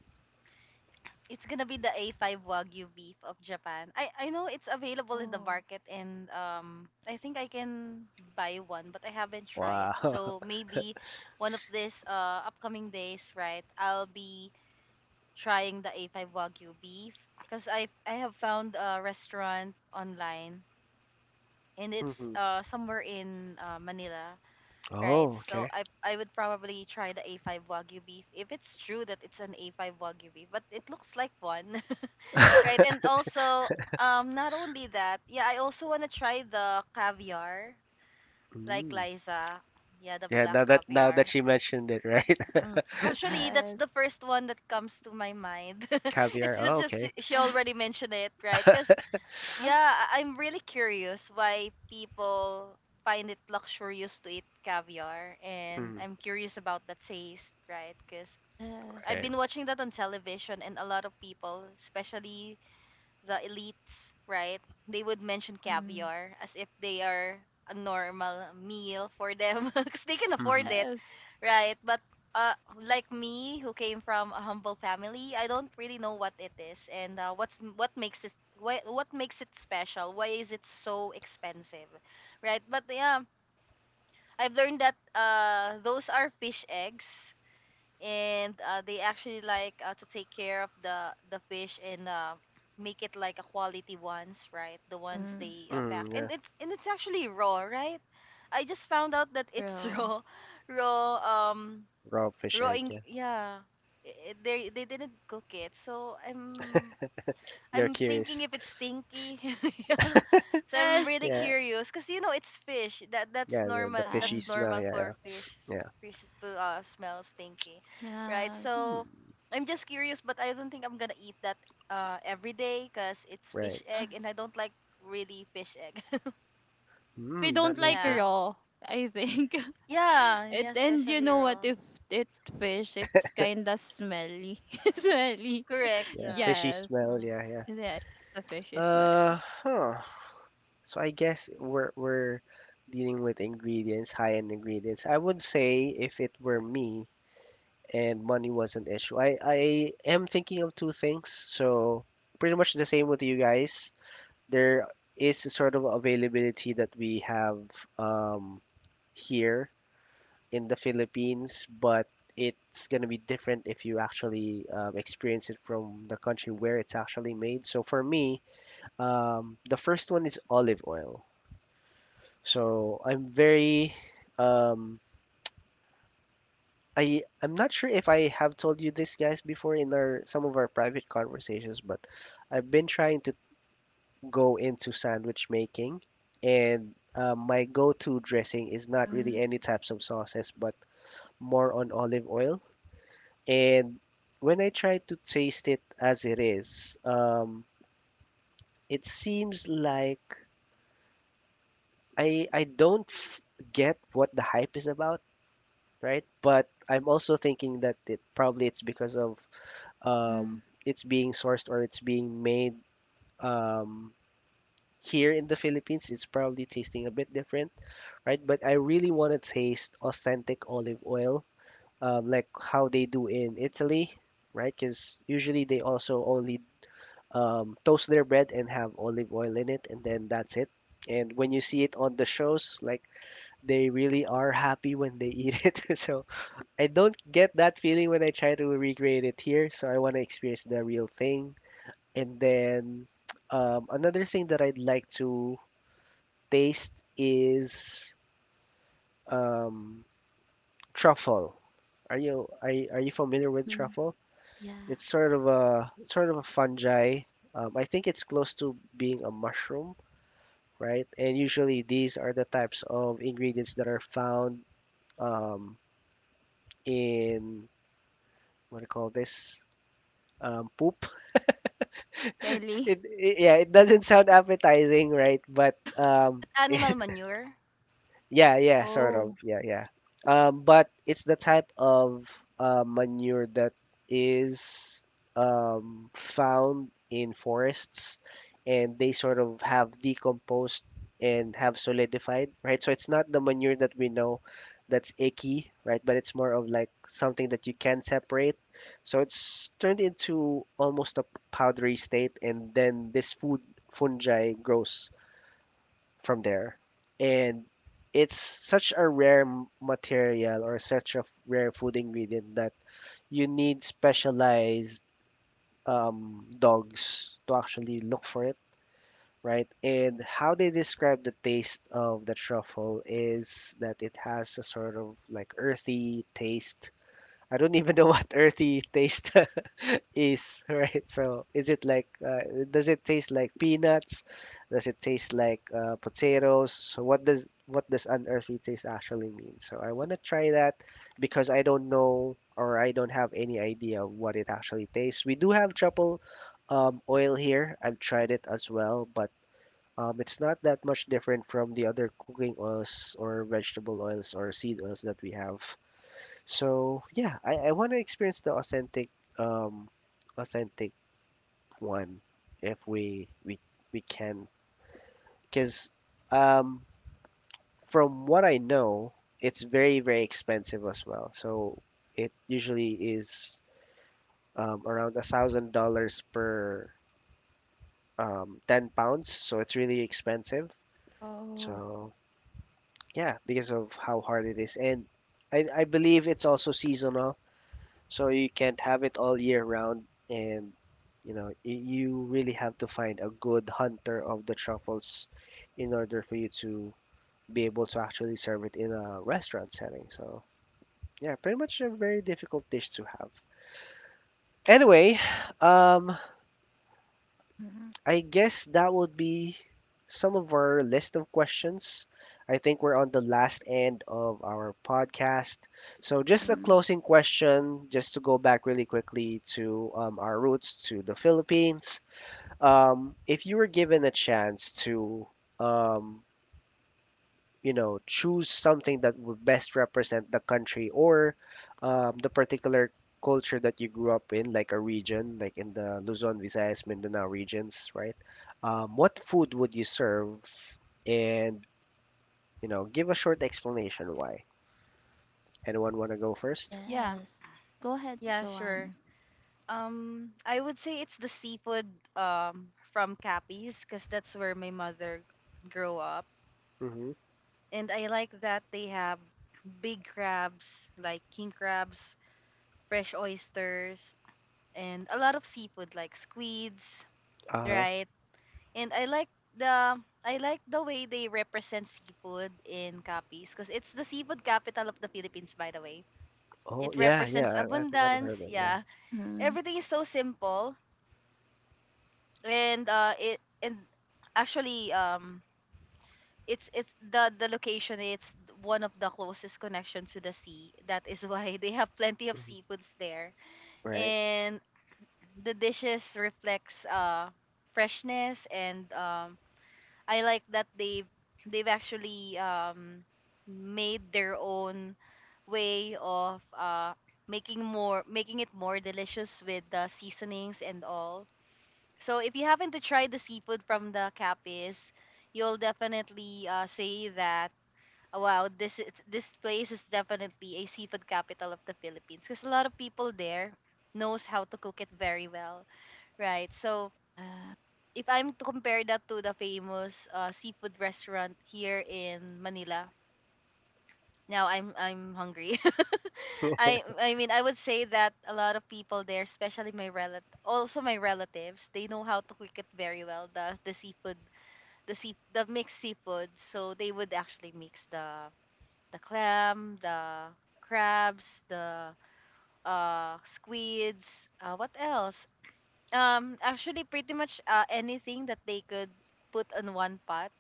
[SPEAKER 3] It's gonna be the A5 Wagyu beef of Japan. I know it's available in the
[SPEAKER 2] Oh,
[SPEAKER 3] market and I think I can buy one but I haven't tried.
[SPEAKER 1] Wow.
[SPEAKER 3] So maybe one of these upcoming days, right? I'll be trying the A5 Wagyu beef because I have found a restaurant online and it's
[SPEAKER 1] Hmm.
[SPEAKER 3] somewhere in Manila, right?
[SPEAKER 1] Oh,
[SPEAKER 3] So
[SPEAKER 1] okay.
[SPEAKER 3] I would probably try the A5 Wagyu beef if it's true that it's an A5 Wagyu beef, but it looks like one, right? And also, not only that, yeah, I also want to try the caviar, like
[SPEAKER 1] Mm.
[SPEAKER 3] Liza, yeah, the
[SPEAKER 1] Yeah,
[SPEAKER 3] black
[SPEAKER 1] now that
[SPEAKER 3] caviar.
[SPEAKER 1] she mentioned it, right?
[SPEAKER 3] Mm. Actually, that's
[SPEAKER 2] yes.
[SPEAKER 3] the first one that comes to my mind. it's
[SPEAKER 1] Caviar. Oh,
[SPEAKER 3] just
[SPEAKER 1] okay.
[SPEAKER 3] she
[SPEAKER 2] Yeah.
[SPEAKER 3] already mentioned it, right? Because
[SPEAKER 2] Huh?
[SPEAKER 3] yeah, I'm really curious why people find it luxurious to eat caviar, and
[SPEAKER 1] Mm,
[SPEAKER 3] I'm curious about the taste, right? Because I've
[SPEAKER 2] Yes.
[SPEAKER 1] right.
[SPEAKER 3] been watching that on television, and a lot of people, especially the elites, right? They would mention
[SPEAKER 2] Hmm.
[SPEAKER 3] caviar as if they are a normal meal for them because they can afford
[SPEAKER 1] Mm-hmm.
[SPEAKER 3] it,
[SPEAKER 2] Yes.
[SPEAKER 3] right? But uh, like me, who came from a humble family, I don't really know what it is and what's what makes it what makes it special. Why is it so expensive, right? But yeah, I've learned that those are fish eggs and they actually like to take care of the fish and make it like a quality ones, right? The ones
[SPEAKER 2] Hmm.
[SPEAKER 3] they
[SPEAKER 1] Mm,
[SPEAKER 3] pack, and
[SPEAKER 1] yeah.
[SPEAKER 3] it's actually raw, right? I just found out that it's
[SPEAKER 2] True.
[SPEAKER 3] raw. Raw um
[SPEAKER 1] Raw fish
[SPEAKER 3] raw
[SPEAKER 1] egg.
[SPEAKER 3] ing-
[SPEAKER 1] Yeah.
[SPEAKER 3] yeah I- they didn't cook it, so
[SPEAKER 1] You're
[SPEAKER 3] I'm thinking
[SPEAKER 1] curious.
[SPEAKER 3] if it's stinky. Yeah. So I'm
[SPEAKER 2] Yes.
[SPEAKER 3] really
[SPEAKER 1] Yeah.
[SPEAKER 3] curious cuz you know it's fish. That's
[SPEAKER 1] Yeah. The
[SPEAKER 3] normal.
[SPEAKER 2] Yeah.
[SPEAKER 1] fishy
[SPEAKER 3] That's
[SPEAKER 1] smell.
[SPEAKER 3] normal
[SPEAKER 1] Yeah.
[SPEAKER 3] for
[SPEAKER 1] Yeah.
[SPEAKER 3] fish
[SPEAKER 1] Yeah.
[SPEAKER 3] to smell stinky. Right?
[SPEAKER 2] Yes.
[SPEAKER 1] Hmm.
[SPEAKER 3] So I'm just curious but I don't think I'm going to eat that every day cuz it's
[SPEAKER 1] Right.
[SPEAKER 3] fish
[SPEAKER 2] Uh,
[SPEAKER 3] egg and I don't like really fish egg.
[SPEAKER 2] we
[SPEAKER 1] Mm, that
[SPEAKER 2] don't
[SPEAKER 1] makes
[SPEAKER 2] like
[SPEAKER 1] sense.
[SPEAKER 3] Yeah.
[SPEAKER 2] raw, I think.
[SPEAKER 3] Yeah,
[SPEAKER 2] It,
[SPEAKER 3] yeah,
[SPEAKER 2] and you
[SPEAKER 3] especially
[SPEAKER 2] know what,
[SPEAKER 3] raw.
[SPEAKER 2] if it fish, it's kinda smelly. Smelly.
[SPEAKER 3] Correct,
[SPEAKER 1] Yeah.
[SPEAKER 3] yeah.
[SPEAKER 1] Fishy
[SPEAKER 2] Yes.
[SPEAKER 1] smell.
[SPEAKER 3] Mm.
[SPEAKER 1] Yeah. Yeah.
[SPEAKER 2] Yeah, the fish is smell.
[SPEAKER 1] Huh. So I guess we're dealing with ingredients, high end ingredients. I would say if it were me and money was an issue, I am thinking of two things. So pretty much the same with you guys. There is a sort of availability that we have um, here in the Philippines, but it's going to be different if you actually experience it from the country where it's actually made. So for me, the first one is olive oil. So I'm very um, I'm not sure if I have told you this guys before in our some of our private conversations, but I've been trying to go into sandwich making, and my go-to dressing is not
[SPEAKER 2] Mm-hmm.
[SPEAKER 1] really any types of sauces, but more on olive oil. And when I try to taste it as it is, it seems like I don't f get what the hype is about, right? But I'm also thinking that it probably it's because of
[SPEAKER 2] Mm-hmm.
[SPEAKER 1] it's being sourced or it's being made um, here in the Philippines. It's probably tasting a bit different, right? But I really want to taste authentic olive oil, like how they do in Italy, right? Because usually they also only toast their bread and have olive oil in it, and then that's it. And when you see it on the shows, like they really are happy when they eat it. So I don't get that feeling when I try to recreate it here. So I want to experience the real thing. And then another thing that I'd like to taste is um, truffle. Are you familiar with
[SPEAKER 2] Mm-hmm.
[SPEAKER 1] truffle?
[SPEAKER 2] Yeah.
[SPEAKER 1] It's sort of a fungi. I think it's close to being a mushroom, right? And usually these are the types of ingredients that are found um, in what do you call this? Poop.
[SPEAKER 2] Really?
[SPEAKER 1] It yeah, it doesn't sound appetizing, right? But
[SPEAKER 2] Yeah.
[SPEAKER 3] Is it animal manure?
[SPEAKER 1] yeah, yeah, sort of.
[SPEAKER 2] Oh.
[SPEAKER 1] Yeah, yeah. But it's the type of manure that is found in forests and they sort of have decomposed and have solidified, right? So it's not the manure that we know that's icky, right? But it's more of like something that you can separate. So it's turned into almost a powdery state and then this food fungi grows from there. And it's such a rare material or such a rare food ingredient that you need specialized dogs to actually look for it, right? And how they describe the taste of the truffle is that it has a sort of like earthy taste. I don't even know what earthy taste is, right? So is it like, does it taste like peanuts? Does it taste like potatoes? So what does unearthly taste actually mean? So I want to try that because I don't know or I don't have any idea of what it actually tastes. We do have truffle oil here. I've tried it as well, but it's not that much different from the other cooking oils or vegetable oils or seed oils that we have. So yeah, I want to experience the authentic um authentic one if we can because um from what I know, it's very expensive as well. So it usually is around $1,000 per 10 pounds. So it's really expensive.
[SPEAKER 2] Oh.
[SPEAKER 1] So yeah, because of how hard it is. And I believe it's also seasonal, so you can't have it all year round. And, you know, you really have to find a good hunter of the truffles in order for you to be able to actually serve it in a restaurant setting. So, yeah, pretty much a very difficult dish to have. Anyway, um,
[SPEAKER 2] Mm-hmm.
[SPEAKER 1] I guess that would be some of our list of questions. I think we're on the last end of our podcast. So, just a
[SPEAKER 2] Hmm.
[SPEAKER 1] closing question, just to go back really quickly to our roots to the Philippines. If you were given a chance to um, you know choose something that would best represent the country or the particular culture that you grew up in, like a region, like in the Luzon Visayas Mindanao regions, right? What food would you serve and you know give a short explanation why. Anyone want to go first?
[SPEAKER 3] Yeah.
[SPEAKER 2] Yes. Go ahead,
[SPEAKER 3] Yeah, sure.
[SPEAKER 2] Joanne.
[SPEAKER 3] I would say it's the seafood from Capiz because that's where my mother grew up,
[SPEAKER 1] Mm-hmm.
[SPEAKER 3] and I like that they have big crabs like king crabs, fresh oysters, and a lot of seafood like squids,
[SPEAKER 1] Uh,
[SPEAKER 3] right? And I like the way they represent seafood in Capiz because it's the seafood capital of the Philippines, by the way.
[SPEAKER 1] oh
[SPEAKER 3] It
[SPEAKER 1] yeah yeah,
[SPEAKER 3] represents
[SPEAKER 1] I think I've heard of
[SPEAKER 3] abundance.
[SPEAKER 1] it, yeah.
[SPEAKER 3] Yeah,
[SPEAKER 2] Mm-hmm.
[SPEAKER 3] everything is so simple and it and actually it's the location, it's one of the closest connections to the sea, that is why they have plenty of
[SPEAKER 1] Hmm.
[SPEAKER 3] seafoods there.
[SPEAKER 1] Right.
[SPEAKER 3] And the dishes reflects freshness, and I like that they've actually made their own way of making it more delicious with the seasonings and all. So if you happen to try the seafood from the Capis, you'll definitely say that, "Oh, wow, this is, this place is definitely a seafood capital of the Philippines because a lot of people there knows how to cook it very well, right? So
[SPEAKER 2] Yeah.
[SPEAKER 3] if I'm to compare that to the famous seafood restaurant here in Manila, now I'm hungry. I mean I would say that a lot of people there, especially my relatives, they know how to cook it very well, the seafood, the mixed seafood. So they would actually mix the clam, the crabs, the squids, what else? Actually pretty much anything that they could put on one pot,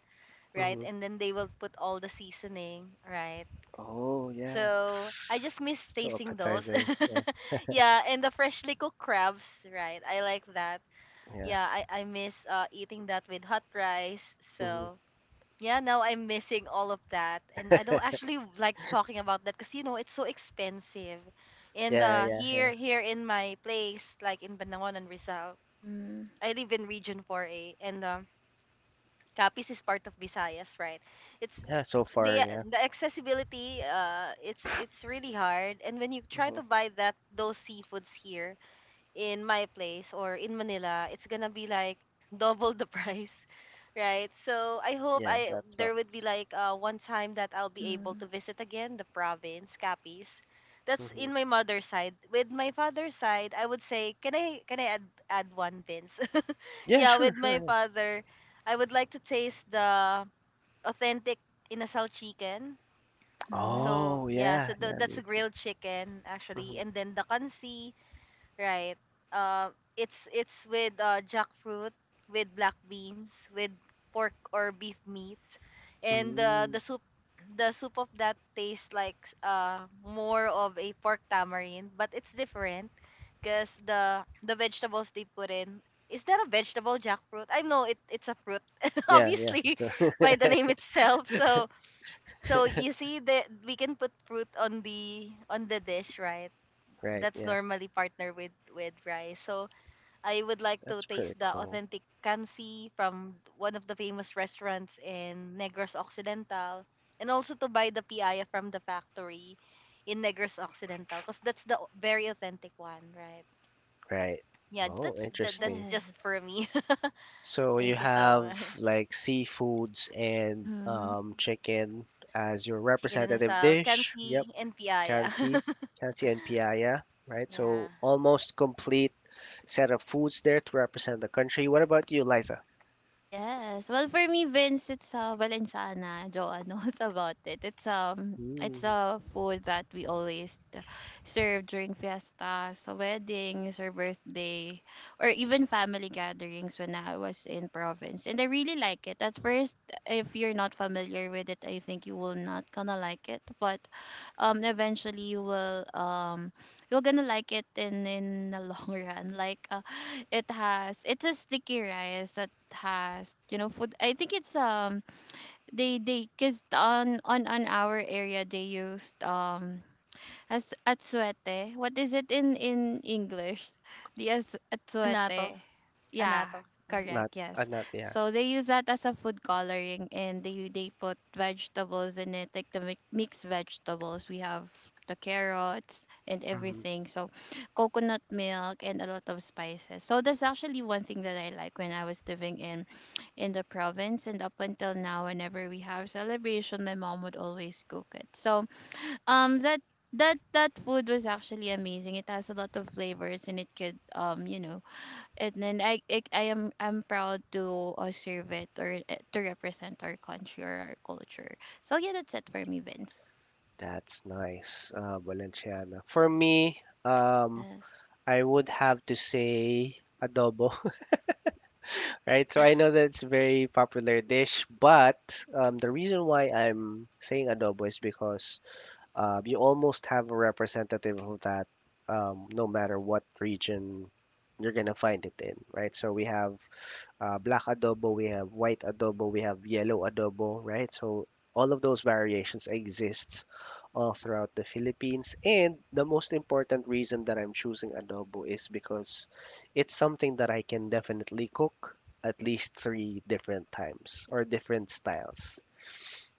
[SPEAKER 3] right?
[SPEAKER 1] Hmm.
[SPEAKER 3] And then they will put all the seasoning, right?
[SPEAKER 1] Oh yeah.
[SPEAKER 3] So I just miss
[SPEAKER 1] So
[SPEAKER 3] tasting those.
[SPEAKER 1] appetizing, yeah.
[SPEAKER 3] Yeah, and the freshly cooked crabs, right? I like that.
[SPEAKER 1] Yeah.
[SPEAKER 3] Yeah, I miss eating that with hot rice.
[SPEAKER 1] Hmm.
[SPEAKER 3] So yeah, now I'm missing all of that. And I don't actually like talking about that because you know it's so expensive. And
[SPEAKER 1] Yeah. Yeah. Yeah.
[SPEAKER 3] here in my place, like in Banangon and Rizal,
[SPEAKER 2] Mm-hmm.
[SPEAKER 3] I live in region 4A and Capiz is part of Visayas, right? It's
[SPEAKER 1] Yeah, so
[SPEAKER 3] the
[SPEAKER 1] far, yeah.
[SPEAKER 3] the accessibility, it's really hard, and when you try to
[SPEAKER 1] Mhm.
[SPEAKER 3] buy that those seafoods here in my place or in Manila, it's gonna be like double the price, right? So I hope
[SPEAKER 1] Yeah,
[SPEAKER 3] I there
[SPEAKER 1] laptop.
[SPEAKER 3] would be like one time that I'll be able
[SPEAKER 2] Mm-hmm.
[SPEAKER 3] to visit again the province, Capiz. That's
[SPEAKER 1] Mhm.
[SPEAKER 3] in my mother's side. With my father's side, I would say, can I add one pins?
[SPEAKER 1] Yeah,
[SPEAKER 3] Yeah, with
[SPEAKER 1] sure,
[SPEAKER 3] my
[SPEAKER 1] sure, yeah.
[SPEAKER 3] father, I would like to taste the authentic inasal chicken.
[SPEAKER 2] Mm-hmm.
[SPEAKER 3] So
[SPEAKER 1] Oh,
[SPEAKER 3] yeah, so
[SPEAKER 1] yeah, yeah,
[SPEAKER 3] that's a
[SPEAKER 1] me too.
[SPEAKER 3] grilled chicken actually,
[SPEAKER 1] Mhm.
[SPEAKER 3] and then the kansi, right? Uh, it's with jackfruit, with black beans, with pork or beef meat, and
[SPEAKER 1] Mm.
[SPEAKER 3] the soup. The soup of that tastes like more of a pork tamarind, but it's different because the vegetables they put in. Is that a vegetable jackfruit? I know it's a fruit,
[SPEAKER 1] Yeah, yeah.
[SPEAKER 3] obviously,
[SPEAKER 1] So
[SPEAKER 3] by the name itself. So so you see that we can put fruit on the dish, right?
[SPEAKER 1] right,
[SPEAKER 3] That's
[SPEAKER 1] yeah.
[SPEAKER 3] normally partner with rice. So I would like to
[SPEAKER 1] That's pretty
[SPEAKER 3] taste the
[SPEAKER 1] cool.
[SPEAKER 3] authentic kansi from one of the famous restaurants in Negros Occidental, and also to buy the piaya from the factory in Negros Occidental, cause that's the very authentic one, right?
[SPEAKER 1] Right.
[SPEAKER 3] Yeah,
[SPEAKER 1] Oh,
[SPEAKER 3] that's
[SPEAKER 1] interesting.
[SPEAKER 3] just
[SPEAKER 2] Yes.
[SPEAKER 3] for me.
[SPEAKER 1] So you
[SPEAKER 3] Thank you so
[SPEAKER 1] have
[SPEAKER 3] much.
[SPEAKER 1] like seafoods and
[SPEAKER 2] Mm-hmm.
[SPEAKER 1] chicken as your
[SPEAKER 3] Chicken and
[SPEAKER 1] representative
[SPEAKER 3] asal,
[SPEAKER 1] dish. Yep.
[SPEAKER 3] kansi, and piaya.
[SPEAKER 1] Kansi, Kansi and Piaya, right?
[SPEAKER 3] Yeah,
[SPEAKER 1] So almost complete set of foods there to represent the country. What about you, Liza?
[SPEAKER 2] Yes. Well, for me, Vince, it's, Valenciana. Joa knows about it. It's
[SPEAKER 1] Mm,
[SPEAKER 2] a food that we always, serve during fiestas, weddings, or birthday, or even family gatherings when I was in province. And I really like it. At first, if you're not familiar with it, I think you will not gonna like it. But, eventually you're gonna like it in the long run. Like, it's a sticky rice that has, you know, food. I think it's, they cause on our area they used, as atsuete. What is it in English? The as
[SPEAKER 3] anato,
[SPEAKER 2] atsuete. Yeah,
[SPEAKER 3] anato. Mm.
[SPEAKER 1] not,
[SPEAKER 2] correct. Yes.
[SPEAKER 1] not, yeah.
[SPEAKER 2] So they use that as a food coloring, and they put vegetables in it, like the mixed vegetables. We have the carrots and everything. So coconut milk and a lot of spices. So that's actually one thing that I like when I was living in the province, and up until now whenever we have celebration, my mom would always cook it. So, um, that that food was actually amazing. It has a lot of flavors, and it could, you know, and then I'm proud to, serve it, or, to represent our country or our culture. So yeah, that's it for me, Vince.
[SPEAKER 1] That's nice, Valenciana. For me,
[SPEAKER 2] Yes.
[SPEAKER 1] I would have to say adobo, right?
[SPEAKER 2] Yeah.
[SPEAKER 1] So I know that it's a very popular dish, but the reason why I'm saying adobo is because you almost have a representative of that, no matter what region you're gonna find it in, right? So we have black adobo, we have white adobo, we have yellow adobo, right? So all of those variations exist all throughout the Philippines. And the most important reason that I'm choosing adobo is because it's something that I can definitely cook at least three different times or different styles,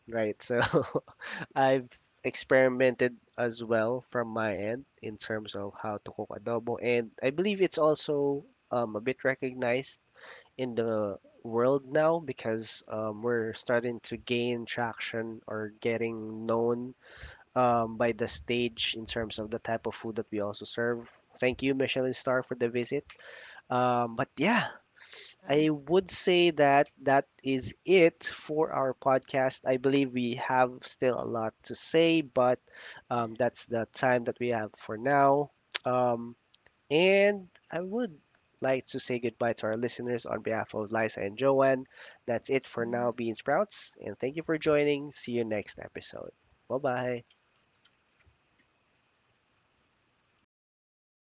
[SPEAKER 1] right? So I've experimented as well from my end in terms of how to cook adobo, and I believe it's also a bit recognized in the world now because we're starting to gain traction or getting known by the stage in terms of the type of food that we also serve. Thank you, Michelin Star, for the visit. But yeah,
[SPEAKER 2] Uh-huh.
[SPEAKER 1] I would say that that is it for our podcast. I believe we have still a lot to say, but
[SPEAKER 2] Yeah.
[SPEAKER 1] that's the time that we have for now. Um, and I would like to say goodbye to our listeners on behalf of Liza and Joanne. That's it for now,
[SPEAKER 2] Mm-hmm.
[SPEAKER 1] Bean Sprouts. And thank you for joining. See you next episode. Bye bye.